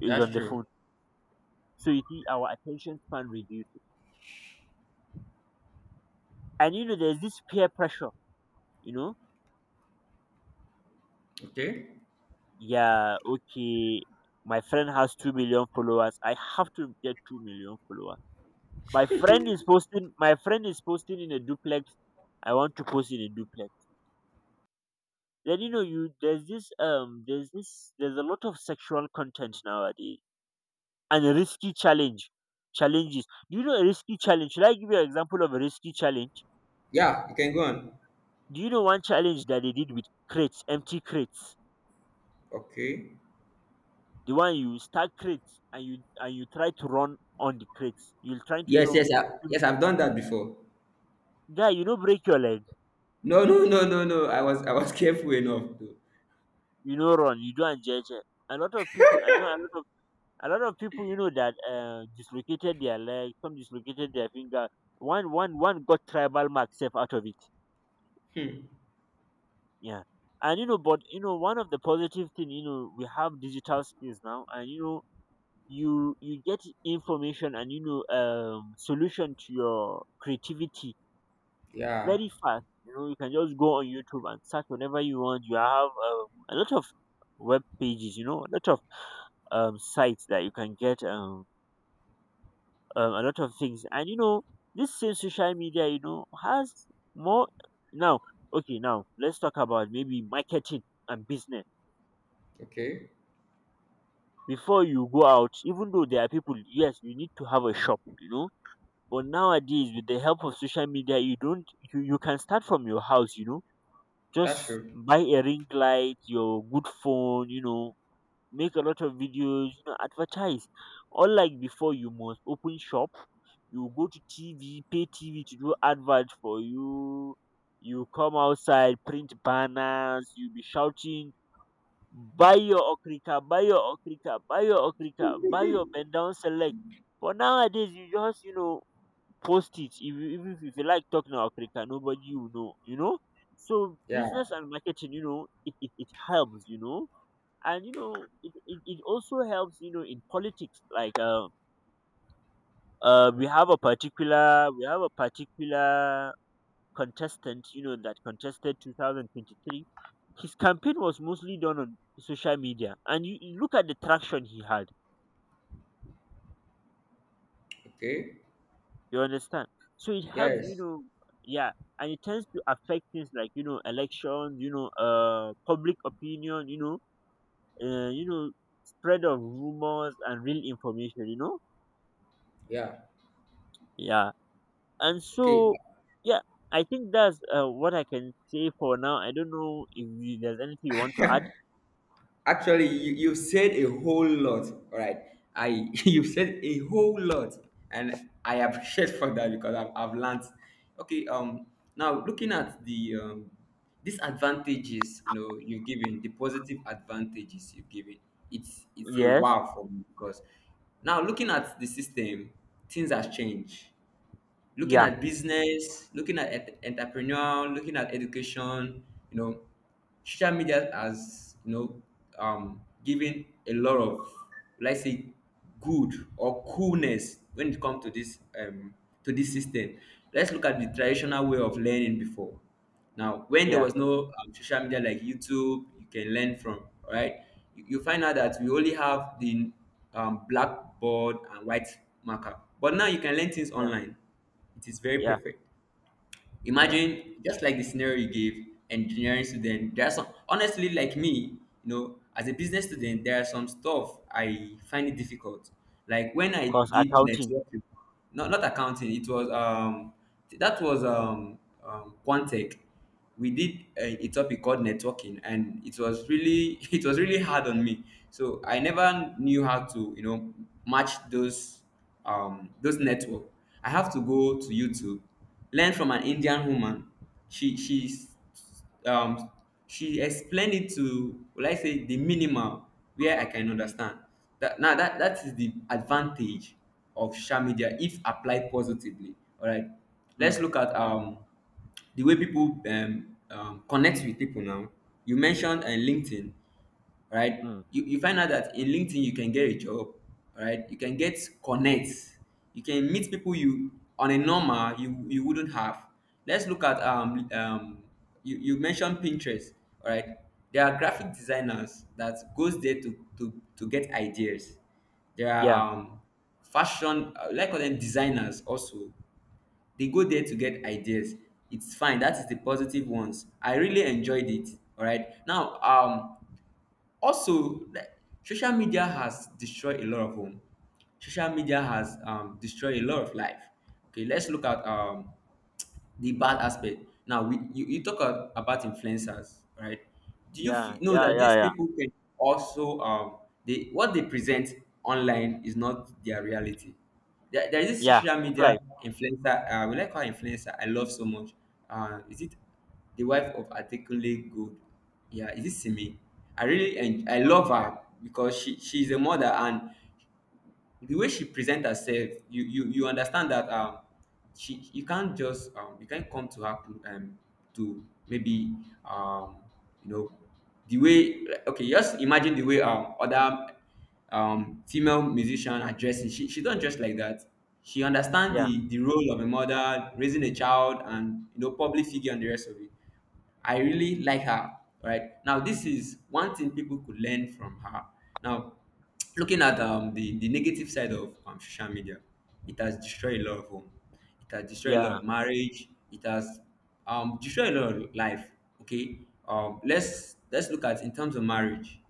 Speaker 1: is on
Speaker 2: that's
Speaker 1: the
Speaker 2: true.
Speaker 1: phone. So you see, our attention span reduces. And you know, there's this peer pressure, you know,
Speaker 2: Okay.
Speaker 1: yeah, okay, my friend has 2 million followers. I have to get 2 million followers. My friend is posting, my friend is posting in a duplex. I want to post in a duplex. Then you know you there's this there's a lot of sexual content nowadays and a risky challenge, challenges. Do you know a risky challenge? Should I give you an example of a risky challenge?
Speaker 2: Yeah, you can go on.
Speaker 1: Do you know one challenge that they did with crates, empty crates?
Speaker 2: Okay.
Speaker 1: The one you stack crates and you try to run on the crates. You'll try to, you
Speaker 2: Yes,
Speaker 1: know,
Speaker 2: yes,
Speaker 1: you,
Speaker 2: yes. I've done that before.
Speaker 1: guy, you know, break your leg,
Speaker 2: No, no, no, no, no. I was careful enough to.
Speaker 1: you know, run, you do and judge. A lot of people, I know, a lot of people, you know, that dislocated their leg, some dislocated their finger. One got tribal mark safe out of it.
Speaker 2: Hmm.
Speaker 1: Yeah, and you know, but you know, one of the positive thing, you know, we have digital skills now, and you know, you get information and you know solution to your creativity
Speaker 2: Yeah.
Speaker 1: very fast. You know, you can just go on YouTube and search whenever you want. You have a lot of web pages, you know, a lot of sites that you can get a lot of things. And you know, this same social media, you know, has more now. Okay, now let's talk about maybe marketing and business.
Speaker 2: Okay.
Speaker 1: Before you go out, even though there are people, yes, you need to have a shop, you know. But nowadays, with the help of social media, you don't, you can start from your house, you know.
Speaker 2: That's
Speaker 1: Just
Speaker 2: true.
Speaker 1: buy a ring light, your good phone, you know, make a lot of videos, you know, advertise. Unlike before, you must open shop, you go to TV, pay TV to do advert for you. You come outside, print banners, you be shouting, buy your okrika, buy your okrika, buy your okrika, buy your bend down select. But nowadays, you just, you know, post it. If you, even if you like talking Africa, nobody will know, you know. So
Speaker 2: Yeah.
Speaker 1: business and marketing, you know, it helps, you know. And you know, it also helps, you know, in politics, like we have a particular, contestant, you know, that contested 2023. His campaign was mostly done on social media, and you look at the traction he had.
Speaker 2: Okay.
Speaker 1: You understand? So it helps, you
Speaker 2: Yes.
Speaker 1: know, yeah, and it tends to affect things like, you know, elections, you know, public opinion, you know, spread of rumors and real information, you know,
Speaker 2: Yeah.
Speaker 1: yeah, and
Speaker 2: Okay.
Speaker 1: so yeah, I think that's what I can say for now. I don't know if there's anything you want to add.
Speaker 2: Actually, you've said a whole lot, all right? I you've said a whole lot, and I appreciate for that because I've learned. Okay, now looking at the disadvantages, you know, you've given the positive advantages you've given. It's a
Speaker 1: Yes,
Speaker 2: wow for me because now looking at the system, things have changed, looking
Speaker 1: yeah,
Speaker 2: at business, looking at entrepreneurial, looking at education. You know, social media has you know given a lot of, let's say, good or coolness when it comes to this system. Let's look at the traditional way of learning before. Now, when there
Speaker 1: yeah,
Speaker 2: was no social media like YouTube you can learn from, right? You find out that we only have the blackboard and white marker. But now you can learn things
Speaker 1: yeah,
Speaker 2: online. It is very
Speaker 1: yeah,
Speaker 2: perfect.
Speaker 1: yeah.
Speaker 2: Imagine just like the scenario you gave, engineering student. There are some, honestly, like me, you know, as a business student, there are some stuff I find it difficult. Like when I
Speaker 1: Because
Speaker 2: did
Speaker 1: accounting,
Speaker 2: networking, not not accounting, it was that was Quantech. We did a topic called networking, and it was really it was really hard on me. So I never knew how to you know match those network. I have to go to YouTube, learn from an Indian woman. She's um she explained it to, will I say, the minimal where I can
Speaker 1: mm,
Speaker 2: understand. That, now, that that is the advantage of social media if applied positively, all right. Let's
Speaker 1: mm,
Speaker 2: look at the way people connect with people now. You mentioned LinkedIn, right?
Speaker 1: mm,
Speaker 2: You find out that in LinkedIn you can get a job, right? You can get connects, you can meet people you on a normal you you wouldn't have. Let's look at you mentioned Pinterest, all right? There are graphic designers that goes there to to get ideas. There are
Speaker 1: yeah,
Speaker 2: fashion like them designers also. They go there to get ideas. It's fine. That is the positive ones. I really enjoyed it. All right. Now also, like, social media has destroyed a lot of home, social media has destroyed a lot of life. Okay, let's look at the bad aspect. Now, we you, you about influencers, right? Do you
Speaker 1: yeah,
Speaker 2: know
Speaker 1: yeah,
Speaker 2: that
Speaker 1: yeah,
Speaker 2: these
Speaker 1: yeah,
Speaker 2: people can also they, what they present online is not their reality. There is this
Speaker 1: yeah,
Speaker 2: social media
Speaker 1: life,
Speaker 2: influencer we like her, influencer I love so much. Is it the wife of Adekunle Gold? Yeah, is it Simi? I really and I love her because she she's a mother, and the way she presents herself, you understand that she, you can't just you can't come to her to, maybe um you know, the way like, okay, just imagine the way other female musician are dressing, she don't dress like that. She understand
Speaker 1: yeah,
Speaker 2: the role of a mother raising a child and you know public figure and the rest of it. I really like her, right? Now, this is one thing people could learn from her. Now, looking at the negative side of social media, it has destroyed a lot of home. It has destroyed a lot
Speaker 1: yeah,
Speaker 2: of marriage. It has destroyed a lot of life. Okay, let's look at in terms of marriage.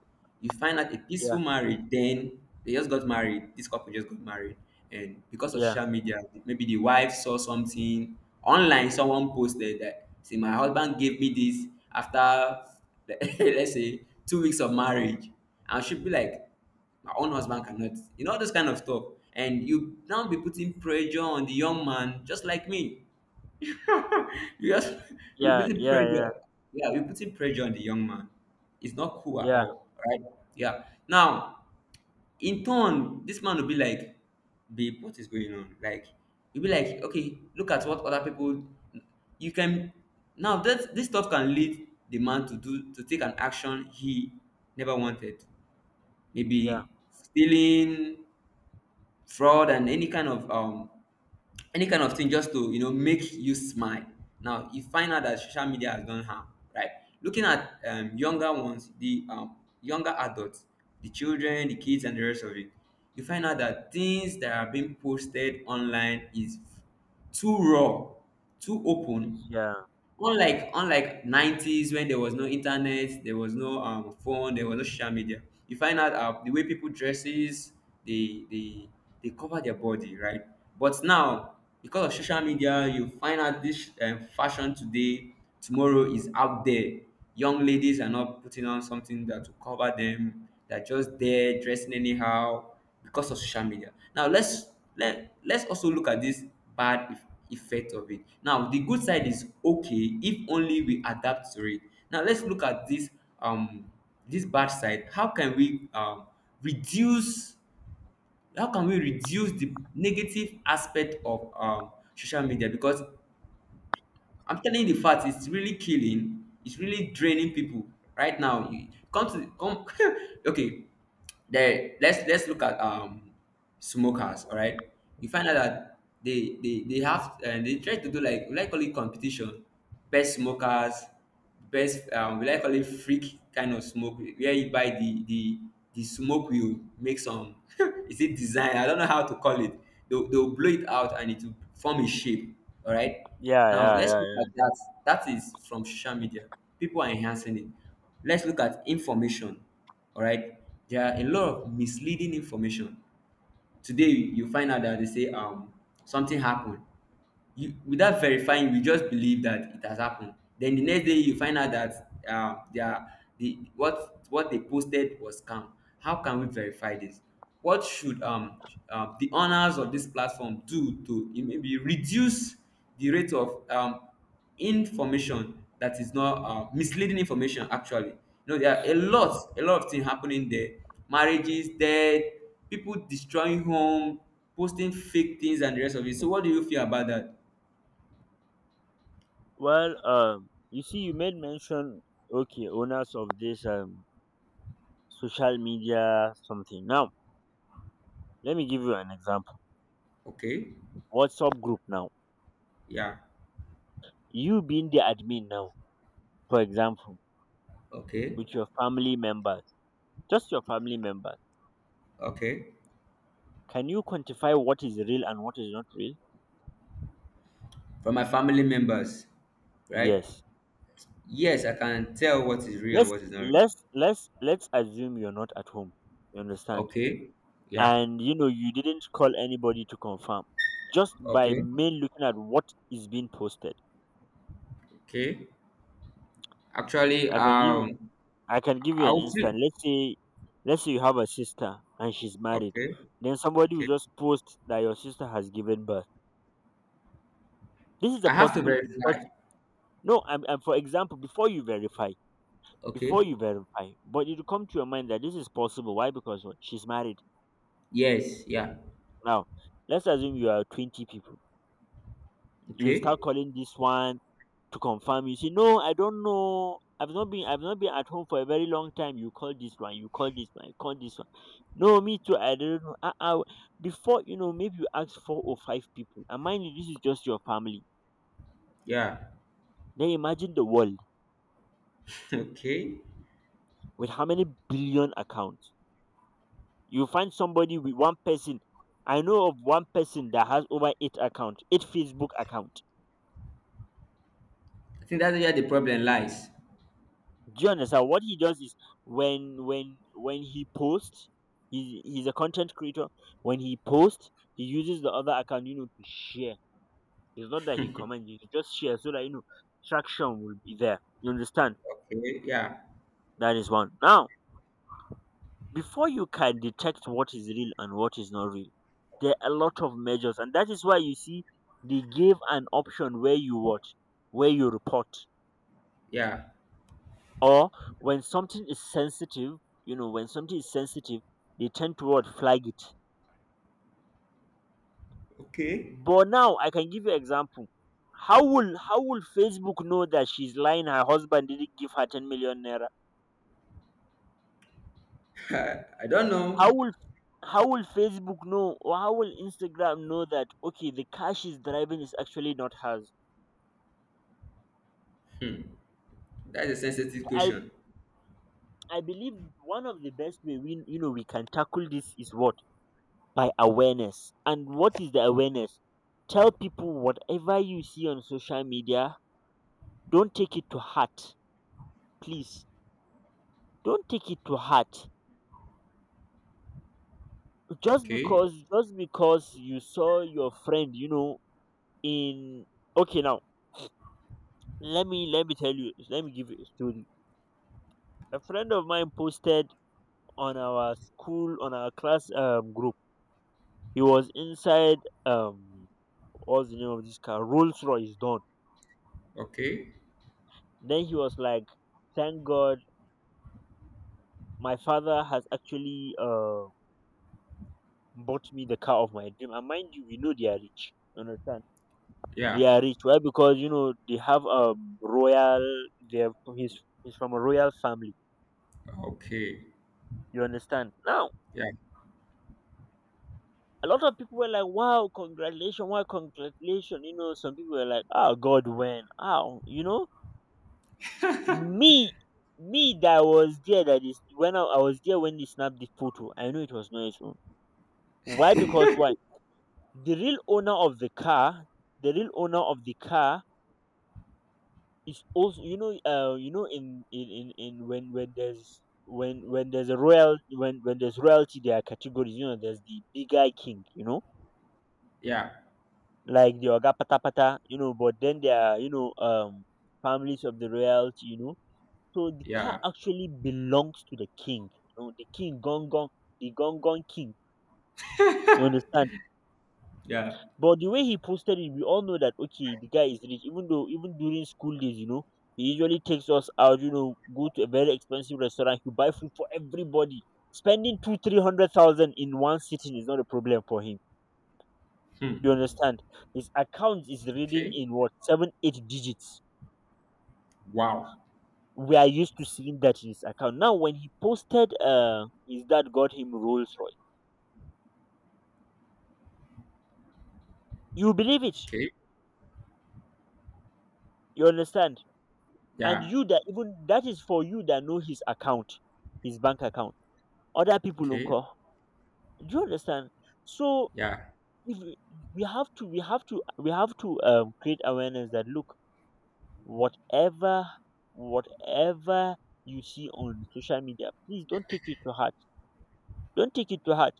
Speaker 2: You find out a peaceful
Speaker 1: yeah.
Speaker 2: marriage, then they just got married, this couple just got married, and because of
Speaker 1: Yeah,
Speaker 2: social media maybe the wife saw something online, someone posted that, "See, my husband gave me this after," let's say 2 weeks of marriage, and she'd be like, "My own husband cannot," you know, all those kind of stuff. And you now be putting pressure on the young man, just like me. You just you're
Speaker 1: yeah,
Speaker 2: putting
Speaker 1: yeah, yeah,
Speaker 2: pressure. Yeah, you're putting pressure on the young man. It's not cool at
Speaker 1: yeah,
Speaker 2: all, right? Yeah. Now, in turn, this man will be like, "Babe, what is going on?" Like, you'll be like, "Okay, look at what other people." You can, now that this stuff can lead the man to do, to take an action he never wanted.
Speaker 1: yeah,
Speaker 2: Maybe stealing, fraud, and any kind of thing just to, you know, make you smile. Now you find out that social media has done harm, right? Looking at younger ones, the younger adults, the children, the kids, and the rest of it, you find out that things that are being posted online is too raw, too open.
Speaker 1: it's-, yeah,
Speaker 2: Unlike 90s, when there was no internet, there was no phone, there was no social media. You find out the way people dresses, they they cover their body, right? But now, because of social media, you find out this fashion today tomorrow is out there. Young ladies are not putting on something that will cover them. They're just there dressing anyhow because of social media. Now let's let's also look at this bad eff- effect of it. Now the good side is okay if only we adapt to it. Now let's look at this um this bad side. How can we reduce, how can we reduce the negative aspect of social media? Because I'm telling you the fact, it's really killing, it's really draining people right now. You come to come Okay. There, let's look at smokers, all right? You find out that they have, and they try to do, like, call it competition, best smokers, best will I call it freak kind of smoke, where you buy the smoke will make some is it design, I don't know how to call it. They'll blow it out and it will form a shape, all right?
Speaker 1: yeah,
Speaker 2: Now
Speaker 1: yeah,
Speaker 2: let's
Speaker 1: yeah,
Speaker 2: look at
Speaker 1: yeah.
Speaker 2: that. That is from social media. People are enhancing it. Let's look at information, all right? There are a lot of misleading information today. You find out that they say something happened, you, without verifying, you just believe that it has happened. Then the next day you find out that the what they posted was scam. How can we verify this? What should the owners of this platform do to maybe reduce the rate of information that is not misleading information? Actually, you know, there are a lot of things happening there: marriages, death, people destroying home, posting fake things, and the rest of it. So what do you feel about that?
Speaker 1: Well, you see, you made mention, okay, owners of this social media something. Now, let me give you an example.
Speaker 2: Okay.
Speaker 1: WhatsApp group now.
Speaker 2: Yeah.
Speaker 1: You being the admin now, for example,
Speaker 2: Okay.
Speaker 1: with your family members, just your family members.
Speaker 2: Okay.
Speaker 1: Can you quantify what is real and what is not real?
Speaker 2: From my family members, right?
Speaker 1: Yes.
Speaker 2: Yes, I can tell what is real and
Speaker 1: Let's
Speaker 2: what is not real.
Speaker 1: let's assume you're not at home. You understand?
Speaker 2: Okay. Yeah.
Speaker 1: And you know you didn't call anybody to confirm, just by
Speaker 2: Okay.
Speaker 1: main looking at what is being posted.
Speaker 2: Okay. Actually,
Speaker 1: i can give you- I can give you
Speaker 2: I
Speaker 1: an
Speaker 2: will feel.
Speaker 1: instance. Let's say let's say you have a sister and she's married,
Speaker 2: Okay.
Speaker 1: then somebody
Speaker 2: Okay.
Speaker 1: will just post that your sister has given birth. This is a
Speaker 2: I have to
Speaker 1: possible
Speaker 2: verify.
Speaker 1: impossible. No, I'm for example, before you verify,
Speaker 2: Okay.
Speaker 1: before you verify, but it will come to your mind that this is possible. Why? Because what? She's married.
Speaker 2: Yes. Yeah.
Speaker 1: Now, let's assume you are 20 people. You
Speaker 2: Okay.
Speaker 1: start calling this one to confirm. You say, no, I don't know, I've not been I've not been at home for a very long time. You call this one, you call this one, you call this one. No, me too, I don't know. Before you know, maybe you ask four or five people, and mind you, this is just your family.
Speaker 2: Yeah.
Speaker 1: Then imagine the world,
Speaker 2: Okay.
Speaker 1: with how many billion accounts. You find somebody with one person. I know of one person that has over eight account, eight Facebook account.
Speaker 2: I think that's where the problem lies.
Speaker 1: Do you understand? What he does is, when he posts, he's a content creator. When he posts, he uses the other account, you know, to share. It's not that he comments, he just shares so that you know traction will be there. You understand?
Speaker 2: Okay. Yeah.
Speaker 1: That is one. Now, before you can detect what is real and what is not real, there are a lot of measures, and that is why you see they gave an option where you watch, where you report.
Speaker 2: Yeah.
Speaker 1: Or when something is sensitive, you know, when something is sensitive, they tend to what flag it.
Speaker 2: Okay.
Speaker 1: But now I can give you example. How will Facebook know that she's lying? Her husband didn't give her 10 million naira.
Speaker 2: I don't
Speaker 1: How
Speaker 2: know.
Speaker 1: will how will Facebook know, or how will Instagram know that okay, the car she's driving is actually not hers?
Speaker 2: Hmm. That's a sensitive
Speaker 1: I
Speaker 2: question.
Speaker 1: I believe one of the best way we, you know, we can tackle this is what, by awareness. And what is the awareness? Tell people, whatever you see on social media, don't take it to heart. Please, don't take it to heart. Just
Speaker 2: Okay.
Speaker 1: because just because you saw your friend, you know, in okay now, let me give you a story. A friend of mine posted on our school, on our class group. He was inside, um, what's the name of this car? Rolls Royce done.
Speaker 2: Okay.
Speaker 1: Then he was like, thank God my father has actually bought me the car of my dream. And mind you, we know they are rich. You understand?
Speaker 2: Yeah.
Speaker 1: They are rich. Why? Because you know they have a royal. They have, he's from a royal family.
Speaker 2: Okay.
Speaker 1: You understand? Now
Speaker 2: Yeah.
Speaker 1: a lot of people were like, "Wow, congratulations! Wow, congratulations!" You know, some people were like, "Oh God, when? Ah, you know, me." Me that was there, that is when I was there when they snapped the photo, I know it was not his own. Why? Because why? The real owner of the car the real owner of the car is also, you know, you know, in when when there's a royal, when there's royalty, there are categories. You know, there's the big guy king, you know,
Speaker 2: Yeah.
Speaker 1: like the oga pata pata, you know, but then there are, you know, um, families of the royalty, you know, so the car
Speaker 2: Yeah.
Speaker 1: actually belongs to the king, you know, the king gong gong, the gong gong king, you understand.
Speaker 2: Yeah.
Speaker 1: But the way he posted it, we all know that okay, the guy is rich. Even though, even during school days, you know, he usually takes us out. You know, go to a very expensive restaurant. He buy food for everybody. Spending two, 300,000 in one sitting is not a problem for him. You
Speaker 2: Hmm.
Speaker 1: understand? His account is reading
Speaker 2: Okay.
Speaker 1: in what, seven, eight digits.
Speaker 2: Wow.
Speaker 1: We are used to seeing that in his account. Now, when he posted, his dad got him Rolls Royce. You believe it?
Speaker 2: Okay.
Speaker 1: You understand? And
Speaker 2: Yeah.
Speaker 1: you that even that is for you that know his account, his bank account, other people
Speaker 2: Okay.
Speaker 1: nko, do you understand? So
Speaker 2: Yeah.
Speaker 1: if we, we have to we have to create awareness that look, whatever, whatever you see on social media, please don't take it to heart. Don't take it to heart.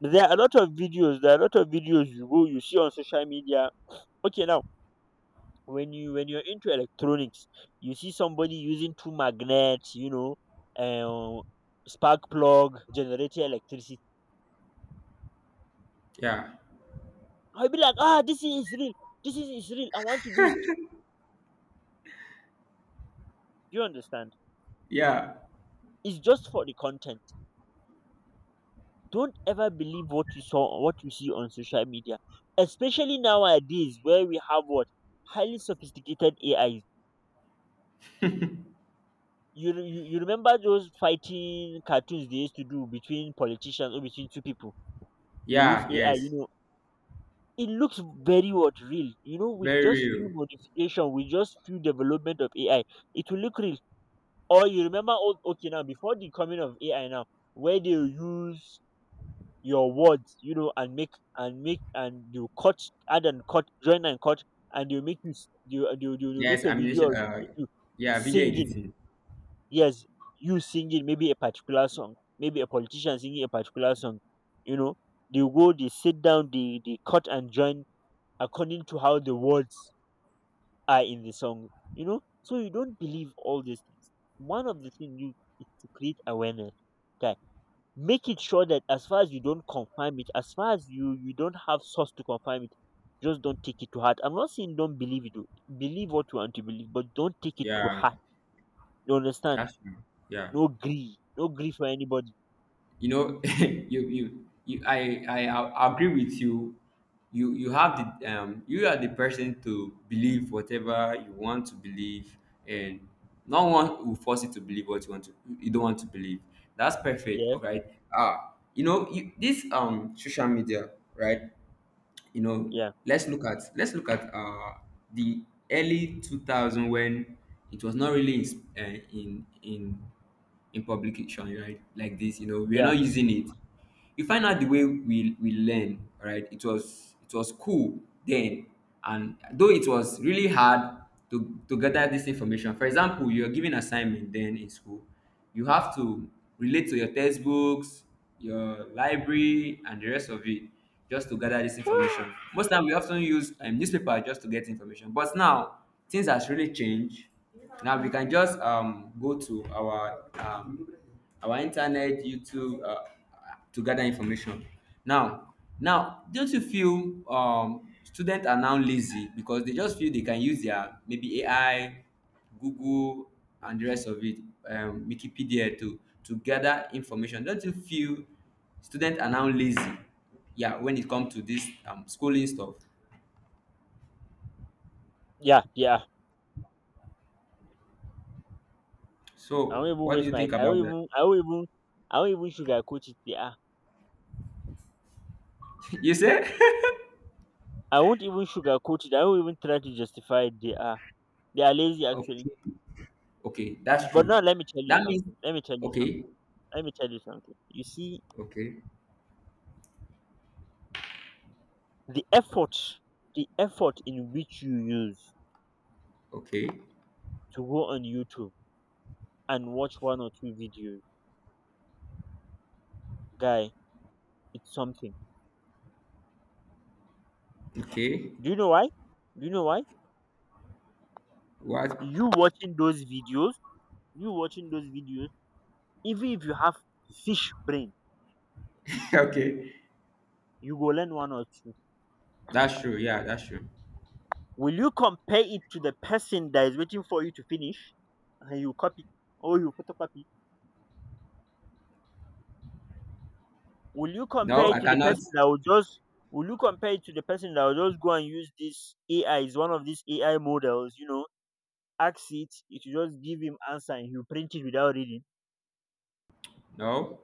Speaker 1: There are a lot of videos there are a lot of videos you go, you see on social media. Okay, now, when you're into electronics, you see somebody using two magnets, you know, um, spark plug generating electricity.
Speaker 2: Yeah.
Speaker 1: I'll be like, ah, this is real. Is real. I want to do it. Do you understand?
Speaker 2: Yeah.
Speaker 1: It's just for the content. Don't ever believe what you saw or what you see on social media, especially nowadays where we have what highly sophisticated AIs. You remember those fighting cartoons they used to do between politicians or between two people? They use
Speaker 2: Yeah.
Speaker 1: AI. You
Speaker 2: Yes.
Speaker 1: know, it looks very what real. You know, with
Speaker 2: Very
Speaker 1: just
Speaker 2: real.
Speaker 1: few modification, with just few development of AI, it will look real. Or you remember old okay now, before the coming of AI now, where they use your words, you know, and make and you cut, add and cut, join and cut, and they make you they will
Speaker 2: Yes.
Speaker 1: make a
Speaker 2: I mean,
Speaker 1: video of you
Speaker 2: yeah. Video
Speaker 1: singing.
Speaker 2: editing.
Speaker 1: Yes, you singing maybe a particular song, maybe a politician singing a particular song. You know, they go, they sit down, they cut and join according to how the words are in the song. You know, so you don't believe all these things. One of the things you is to create awareness that make it sure that as far as you don't confirm it, as far as you don't have source to confirm it, just don't take it to heart. I'm not saying don't believe it believe what you want to believe, but don't take it to
Speaker 2: Yeah.
Speaker 1: heart. You understand?
Speaker 2: That's true. Yeah.
Speaker 1: No grief, no grief for anybody.
Speaker 2: You know, you I agree with you. You have the you are the person to believe whatever you want to believe, and no one will force you to believe what you want to, you don't want to believe. That's perfect,
Speaker 1: yeah
Speaker 2: all right? Ah, you know, you, this social media, right? You know,
Speaker 1: yeah
Speaker 2: let's look at, the early 2000, when it was not really in in publication, right, like this. You know, we're
Speaker 1: yeah
Speaker 2: not using it. You find out the way we learn, right? It was, it was cool then. And though it was really hard to gather this information, for example, you're given assignment then in school, you have to relate to your textbooks, your library, and the rest of it, just to gather this information. Most time we often use newspaper just to get information. But now things has really changed. Now we can just go to our internet, youtube, to gather information. Now, now don't you feel students are now lazy because they just feel they can use their maybe AI, Google, and the rest of it, Wikipedia to gather information. Don't you feel students are now lazy? Yeah, when it comes to this schooling stuff.
Speaker 1: yeah, i won't
Speaker 2: So,
Speaker 1: even
Speaker 2: what do
Speaker 1: waste
Speaker 2: you
Speaker 1: my
Speaker 2: think
Speaker 1: i won't
Speaker 2: about that?
Speaker 1: even i won't even I won't even sugarcoat it, yeah.
Speaker 2: You say?
Speaker 1: I won't even sugarcoat it. I won't even try to justify it. They are, they are lazy actually.
Speaker 2: Okay, okay, that's
Speaker 1: But now
Speaker 2: true.
Speaker 1: let me tell you
Speaker 2: That means
Speaker 1: something.
Speaker 2: okay,
Speaker 1: Let me tell you something. You see,
Speaker 2: okay,
Speaker 1: the effort, the effort in which you use
Speaker 2: okay,
Speaker 1: to go on YouTube and watch one or two videos, guy, it's something.
Speaker 2: okay.
Speaker 1: Do you know why?
Speaker 2: What?
Speaker 1: You watching those videos, you watching those videos, even if you have fish brain,
Speaker 2: Okay,
Speaker 1: you go learn one or two.
Speaker 2: that's true. Yeah, that's true.
Speaker 1: Will you compare it to the person that is waiting for you to finish and you copy, or you photocopy? Will you
Speaker 2: No,
Speaker 1: compare
Speaker 2: I
Speaker 1: it to the
Speaker 2: cannot.
Speaker 1: person that will just Will you compare it to the person that will just go and use this AI, is one of these AI models, you know, ask it, it will just give him answer and he'll print it without reading.
Speaker 2: No.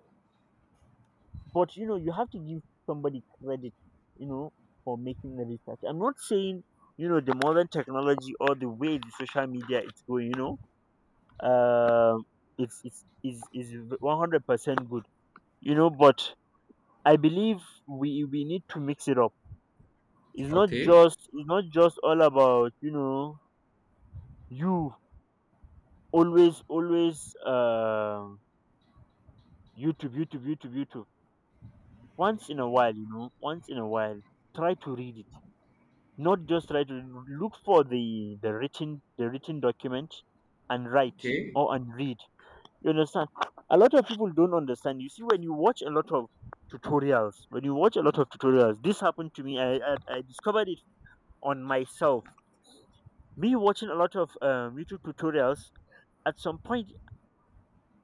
Speaker 1: But you know, you have to give somebody credit, you know, for making the research. I'm not saying, you know, the modern technology or the way the social media is going, you know, um it's is 100% good, you know, but I believe we need to mix it up.
Speaker 2: Okay,
Speaker 1: It's not just all about, you know, you, always, um, YouTube. Once in a while, you know, once in a while, try to read it, not just try to look for the written, the written document and write
Speaker 2: okay,
Speaker 1: or and read. You understand? A lot of people don't understand. You see, when you watch a lot of tutorials, this happened to me. I discovered it on myself. Me watching a lot of YouTube tutorials at some point,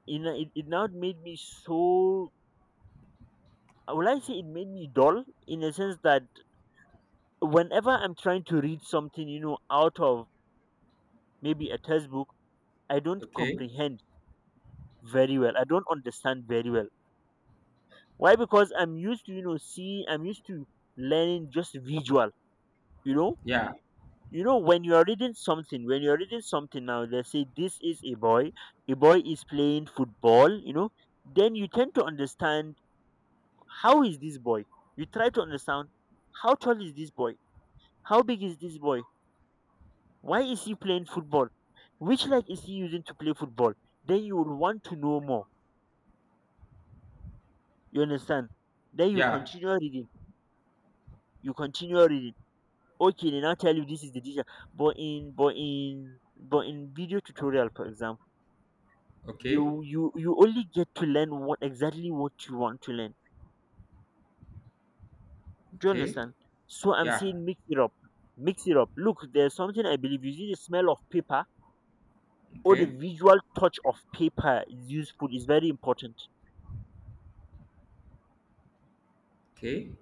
Speaker 1: you know, it now made me so. Will I say it made me dull, in a sense that whenever I'm trying to read something, you know, out of maybe a textbook, I don't
Speaker 2: okay.
Speaker 1: comprehend very well. I don't understand very well why. Because I'm used to, seeing. I'm used to learning just visual you know
Speaker 2: Yeah,
Speaker 1: when you're reading something, now they say this is a boy. A boy is playing football, then you tend to understand. How is this boy? You try to understand. How tall is this boy? How big is this boy? Why is he playing football? Which leg is he using to play football? Then you will want to know more, you understand? Then you
Speaker 2: yeah.
Speaker 1: continue reading. you continue reading okay, they now tell you this is the decision. But in, video tutorial for example, you
Speaker 2: Okay.
Speaker 1: you you only get to learn what exactly what you want to learn. Do you
Speaker 2: Okay.
Speaker 1: understand? So I'm
Speaker 2: Yeah.
Speaker 1: saying mix it up. Look, there's something I believe. You see, the smell of paper or the
Speaker 2: Okay.
Speaker 1: visual touch of paper is useful, is very important.
Speaker 2: Okay.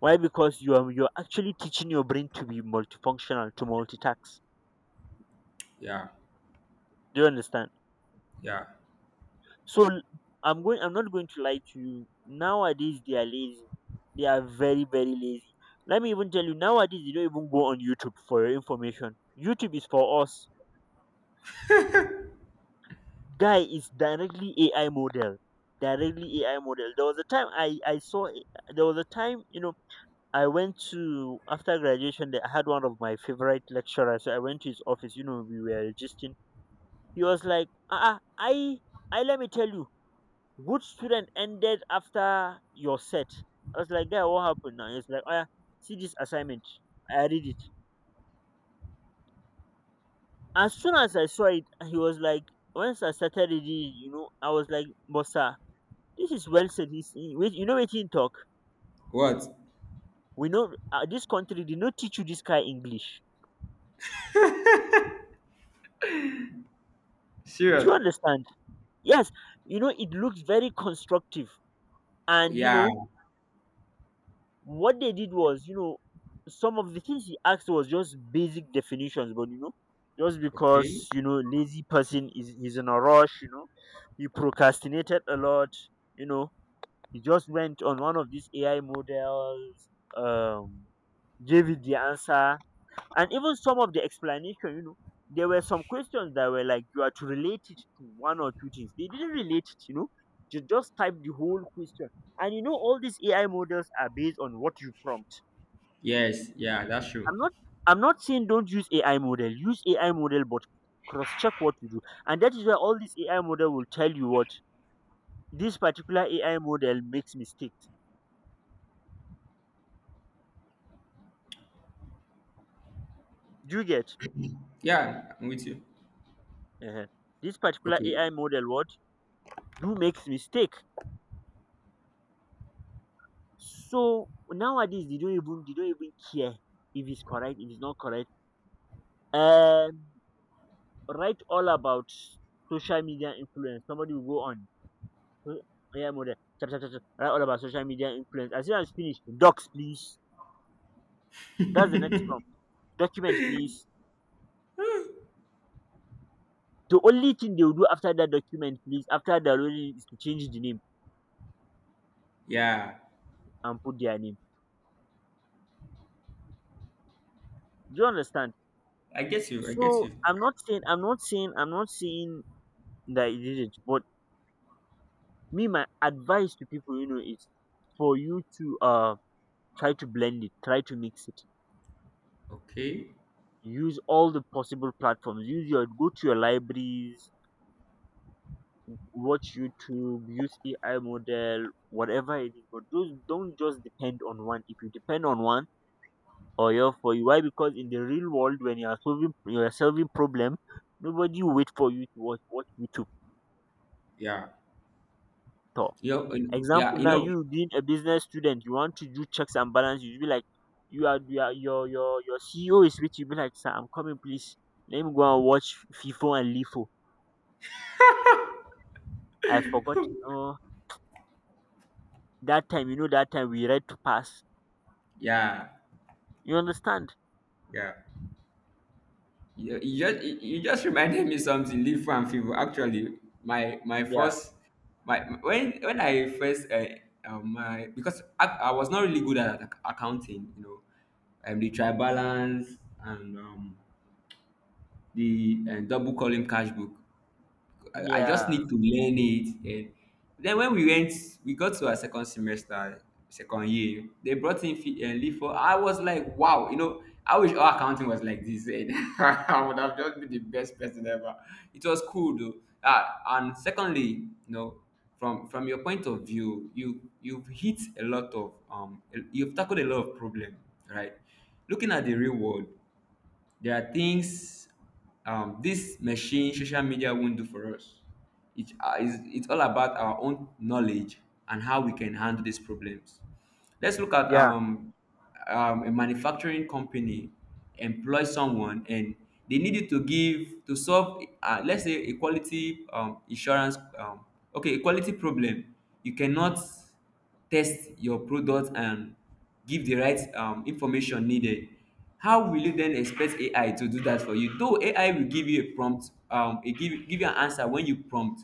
Speaker 1: Why? Because you're actually teaching your brain to be multifunctional, to multitask.
Speaker 2: Yeah.
Speaker 1: Do you understand?
Speaker 2: Yeah.
Speaker 1: So l- I'm going. I'm not going to lie to you. Nowadays they are lazy. They are very very lazy. Let me even tell you. Nowadays you don't even go on YouTube for your information. YouTube is for us. Guy is directly AI model. Directly AI model. There was a time I saw. There was a time, I went to after graduation, that I had one of my favorite lecturers. So I went to his office. You know we were registering. He was like, ah, I let me tell you. Good student ended after your set. I was like, guy, what happened now? He's like, oh yeah, see this assignment. I read it. As soon as I saw it, he was like, once I started reading, I was like, but sir, this is well said. Wait, you know what he talk?
Speaker 2: What?
Speaker 1: We know this country did not teach you this guy English. Do you
Speaker 2: Serious.
Speaker 1: understand? Yes, it looked very constructive. And, you
Speaker 2: Yeah.
Speaker 1: know, what they did was, some of the things he asked was just basic definitions, but just
Speaker 2: Okay.
Speaker 1: because lazy person is he's in a rush. He procrastinated a lot, you know, he just went on one of these AI models, um, Gave it the answer, and even some of the explanation. There were some questions that were like you are to relate it to one or two things. They didn't relate it. You just type the whole question. And all these AI models are based on what you prompt.
Speaker 2: Yes. Yeah. That's true.
Speaker 1: I'm not I'm not saying don't use AI model. Use AI model but cross check what you do. And that is why all this AI model will tell you what this particular AI model makes mistakes. Do you get
Speaker 2: Yeah. I'm with you.
Speaker 1: uh this particular
Speaker 2: Okay.
Speaker 1: AI model what do makes mistake. So nowadays they don't even care if it's correct, if it's not correct. Um Write all about social media influence. Somebody will go on so- AI model. Chap, chap, chap, chap, write all about social media influence. As soon as finished, docs please. That's the next prompt. Document, please. The only thing they'll do after that document, please, after the already is to change the name
Speaker 2: Yeah.
Speaker 1: and put their name. Do you understand?
Speaker 2: I get you. I get
Speaker 1: So
Speaker 2: you.
Speaker 1: I'm not saying I'm not saying I'm not saying that it didn't, but me my advice to people, is for you to try to blend it, try to mix it.
Speaker 2: Okay.
Speaker 1: Use all the possible platforms. Use your go to your libraries, watch YouTube, use AI model, whatever it is. But those don't just depend on one. If you depend on one or your for you. Why? Because in the real world, when you are solving problem, nobody will wait for you to watch YouTube
Speaker 2: Yeah.
Speaker 1: talk.
Speaker 2: You know, yeah.
Speaker 1: Example
Speaker 2: You
Speaker 1: now,
Speaker 2: know.
Speaker 1: you being a business student, you want to do checks and balance. You be like, your CEO is with you. Be like, sir, I'm coming, please. Let me go and watch FIFO and LIFO. I forgot. Oh, that time, that time we read to pass.
Speaker 2: Yeah.
Speaker 1: You understand?
Speaker 2: Yeah. You you just reminded me something. Live and fever. Actually, my
Speaker 1: Yeah,
Speaker 2: first, my, when I first my, because I was not really good at accounting. You know, the tribalance and the double column cash book. I just
Speaker 1: yeah,
Speaker 2: need to learn it. And then when we went, we got to our second semester, second year. They brought in and LIFO. I was like, wow, you know, I wish all accounting was like this. And I would have just been the best person ever. It was cool though. Ah, and secondly, you know, from your point of view, you, you've hit a lot of you've tackled a lot of problem, right? Looking at the real world, there are things this machine, social media, won't do for us. It, it's all about our own knowledge and how we can handle these problems. Let's look at
Speaker 1: yeah,
Speaker 2: a manufacturing company employ someone, and they needed to give to solve let's say a quality insurance okay, a quality problem. You cannot test your product and give the right information needed. How will you then expect AI to do that for you? Though AI will give you a prompt, it give you an answer when you prompt.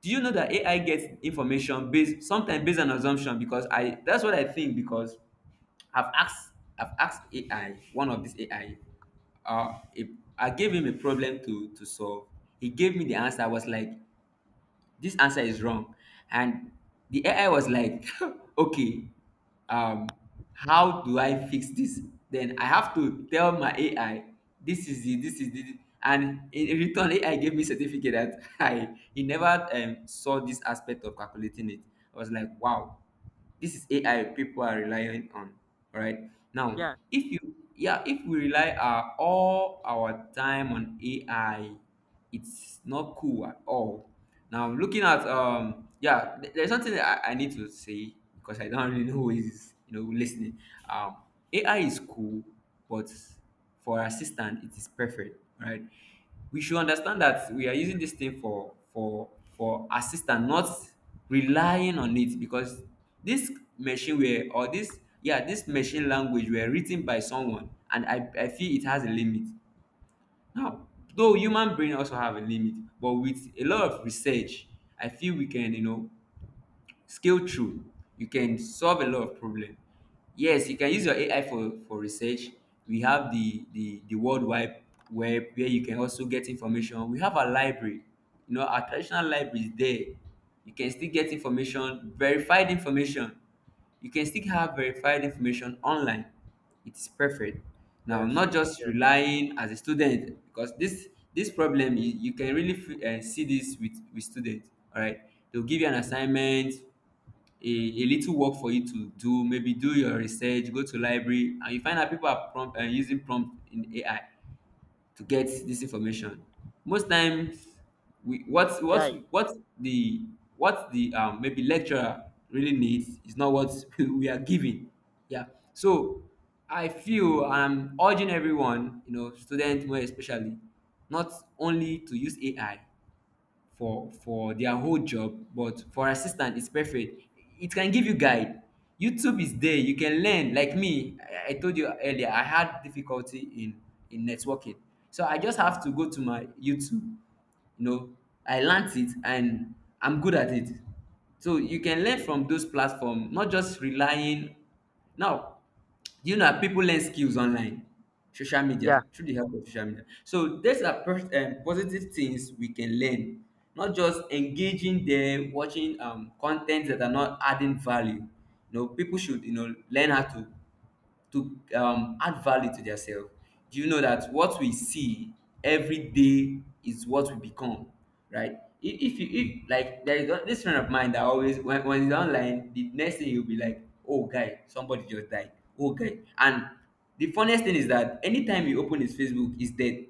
Speaker 2: Do you know that AI gets information based, sometimes based on assumption? Because I, that's what I think, because I've asked I've asked AI, one of these AI, if I gave him a problem to solve. He gave me the answer. I was like, this answer is wrong. And the AI was like, okay, um, how do I fix this? Then I have to tell my AI, this is it, this is it. And in return, AI gave me certificate that I, he never saw this aspect of calculating it. I was like, wow, this is AI people are relying on. All right. Now,
Speaker 1: yeah.
Speaker 2: if you, yeah, if we rely our all our time on AI, it's not cool at all. Now, looking at yeah, there's something that I need to say, because I don't really know who is, you know, listening. Um, AI is cool, but for assistant, it is perfect. All right. We should understand that we are using this thing for assistant, not relying on it, because this this machine language were written by someone, and I feel it has a limit. Now, though human brain also have a limit, but with a lot of research, I feel we can skill through. You can solve a lot of problem. Yes, you can use your AI for research. We have the world wide web, where you can also get information. We have a library. You know, our traditional library is there. You can still get information, verified information. You can still have verified information online. It is perfect. Now,
Speaker 1: Yes,
Speaker 2: not just
Speaker 1: yes,
Speaker 2: relying as a student, because this problem you, you can really see this with students. All right, they'll give you an assignment, a little work for you to do. Maybe do your research, go to library, and you find out people are prompt using prompt in AI to get this information. Most times, we
Speaker 1: yeah, Guy.
Speaker 2: what the maybe lecturer really needs is not what we are giving. Yeah. So I feel, I'm urging everyone, you know, students more especially, not only to use AI for their whole job, but for assistant it's perfect. It can give you guide. YouTube is there, you can learn like me. I told you earlier I had difficulty in networking, so I just have to go to my YouTube. You know, I learnt it, and I'm good at it. So you can learn from those platform, not just relying. Now, do you know that people learn skills online, social
Speaker 1: Yeah.
Speaker 2: media, through the help of social media? So these are positive things we can learn, not just engaging there, watching content that are not adding value. You know, people should learn how to add value to themselves. Do you know that what we see every day is what we become, right? If like there is this friend of mine that always, when he's online, the next thing, you'll be like, oh guy, somebody just died. Oh guy. And the funniest thing is that anytime you open his Facebook, he's dead.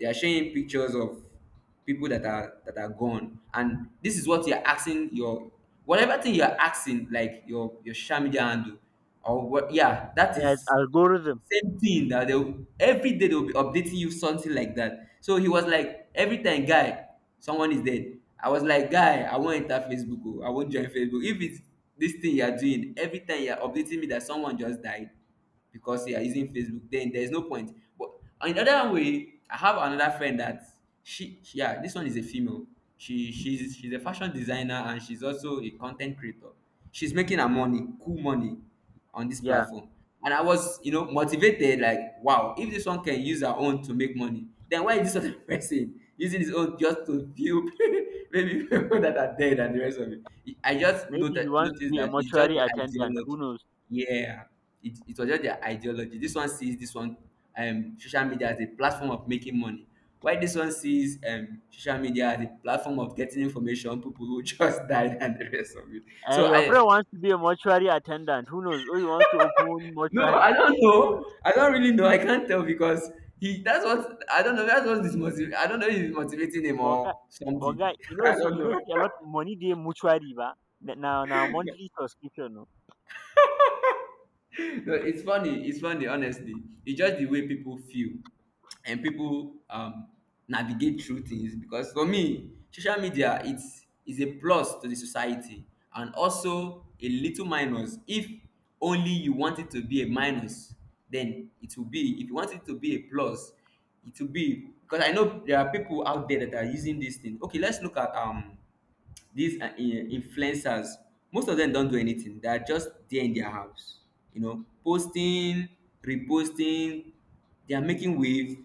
Speaker 2: They are showing pictures of people that are gone, and this is what you're asking your whatever thing you're asking, like your social media handle, or what? Yeah, that
Speaker 1: Yes,
Speaker 2: is
Speaker 1: algorithm.
Speaker 2: same thing that every day they'll be updating you something like that. So he was like, every time, guy, someone is dead. I was like, guy, I won't enter Facebook. Oh, I won't join Facebook. If it's this thing you're doing, every time you're updating me that someone just died, because they are using Facebook, then there's no point. But on the other way, I have another friend that yeah, this one is a female. She's a fashion designer, and she's also a content creator. She's making her money, cool money, on this
Speaker 1: Yeah.
Speaker 2: platform. And I was, you know, motivated, like, wow, if this one can use her own to make money, then why is this other person using his own just to view maybe people that are dead and the rest of it? I just
Speaker 1: Maybe he wants to
Speaker 2: noticed
Speaker 1: be a
Speaker 2: that it's just
Speaker 1: mortuary
Speaker 2: the
Speaker 1: attendant, who
Speaker 2: ideology.
Speaker 1: knows?
Speaker 2: Yeah, it was just their ideology. This one sees this one social media as a platform of making money. Why this one sees social media as a platform of getting information, people who just died and the rest of it.
Speaker 1: Eh,
Speaker 2: So
Speaker 1: your
Speaker 2: I
Speaker 1: friend wants to be a mortuary attendant, who knows? Or he wants to open
Speaker 2: no,
Speaker 1: mortuary,
Speaker 2: I don't
Speaker 1: who knows?
Speaker 2: know. I don't really know. I can't tell because he that's what I don't know. That's what's his motiv- I don't know if he's motivating him
Speaker 1: But guy,
Speaker 2: or
Speaker 1: but
Speaker 2: something.
Speaker 1: guy,
Speaker 2: I don't
Speaker 1: you know,
Speaker 2: know.
Speaker 1: see a lot money day mortuary, ba. Now, monthly subscription, no.
Speaker 2: No, it's funny. It's funny, honestly. It's just the way people feel and people navigate through things. Because for me, social media it's is a plus to the society, and also a little minus. If only you want it to be a minus, then it will be. If you want it to be a plus, it will be. Because I know there are people out there that are using this thing. Okay, let's look at these influencers. Most of them don't do anything, they are just there in their house, you know, posting, reposting. They are making wave,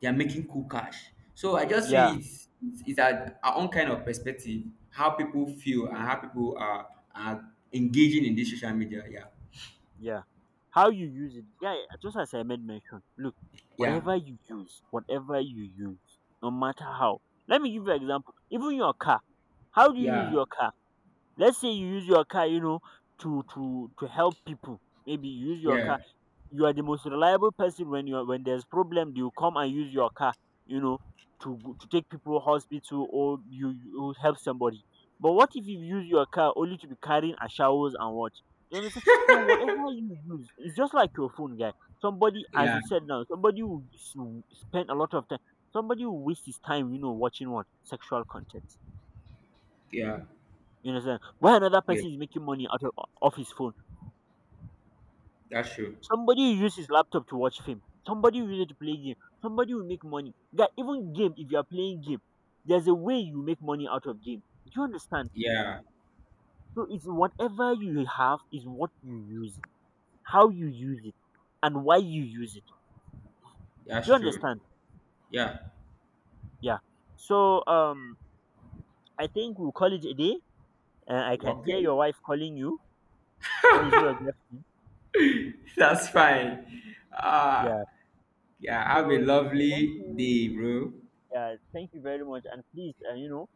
Speaker 2: they are making cool cash. So I just
Speaker 1: Yeah,
Speaker 2: feel it's our own kind of perspective, how people feel and how people are engaging in this social media. Yeah.
Speaker 1: yeah. How you use it, yeah. Just as I made mention, look,
Speaker 2: Yeah.
Speaker 1: whatever you use, no matter how. Let me give you an example. Even your car, how do you use
Speaker 2: Yeah.
Speaker 1: your car? Let's say you use your car, to help people. Maybe you use your car.
Speaker 2: Yeah.
Speaker 1: You are the most reliable person when you are when there's problem. You come and use your car, you know, to take people to hospital or you help somebody. But what if you use your car only to be carrying a showers and what? You understand? So whatever you use, it's just like your phone, guy. Somebody, as
Speaker 2: Yeah.
Speaker 1: you said now, somebody will spend a lot of time. Somebody will waste his time, watching what sexual content.
Speaker 2: Yeah.
Speaker 1: You understand? Why another
Speaker 2: Yeah,
Speaker 1: person is making money out of off his phone?
Speaker 2: that's true.
Speaker 1: Somebody will use his laptop to watch film. Somebody will use it to play game. Somebody will make money. That even game, if you are playing game, there's a way you make money out of game. Do you understand?
Speaker 2: Yeah,
Speaker 1: So it's whatever you have is what you use, how you use it, and why you use it. Do you
Speaker 2: that's true.
Speaker 1: understand?
Speaker 2: Yeah.
Speaker 1: Yeah. So I think we'll call it a day. I can hear
Speaker 2: Okay.
Speaker 1: your wife calling you, or is it your girlfriend?
Speaker 2: That's fine. Ah,
Speaker 1: Yeah.
Speaker 2: yeah, have a
Speaker 1: So thank
Speaker 2: lovely
Speaker 1: you.
Speaker 2: day, bro.
Speaker 1: Yeah, thank you very much. And please, uh, you know,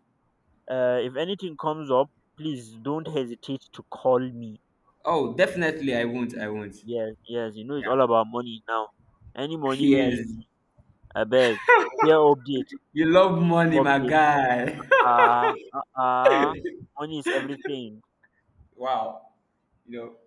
Speaker 1: uh, if anything comes up, please don't hesitate to call me.
Speaker 2: Oh, definitely, I won't. I won't.
Speaker 1: Yes, yes, it's
Speaker 2: Yeah.
Speaker 1: all about money now. Any money ways,
Speaker 2: Yes.
Speaker 1: I beg. Share updates,
Speaker 2: You love money, my
Speaker 1: updates.
Speaker 2: guy.
Speaker 1: Ah, uh, ah, uh, Money is everything.
Speaker 2: wow. You know,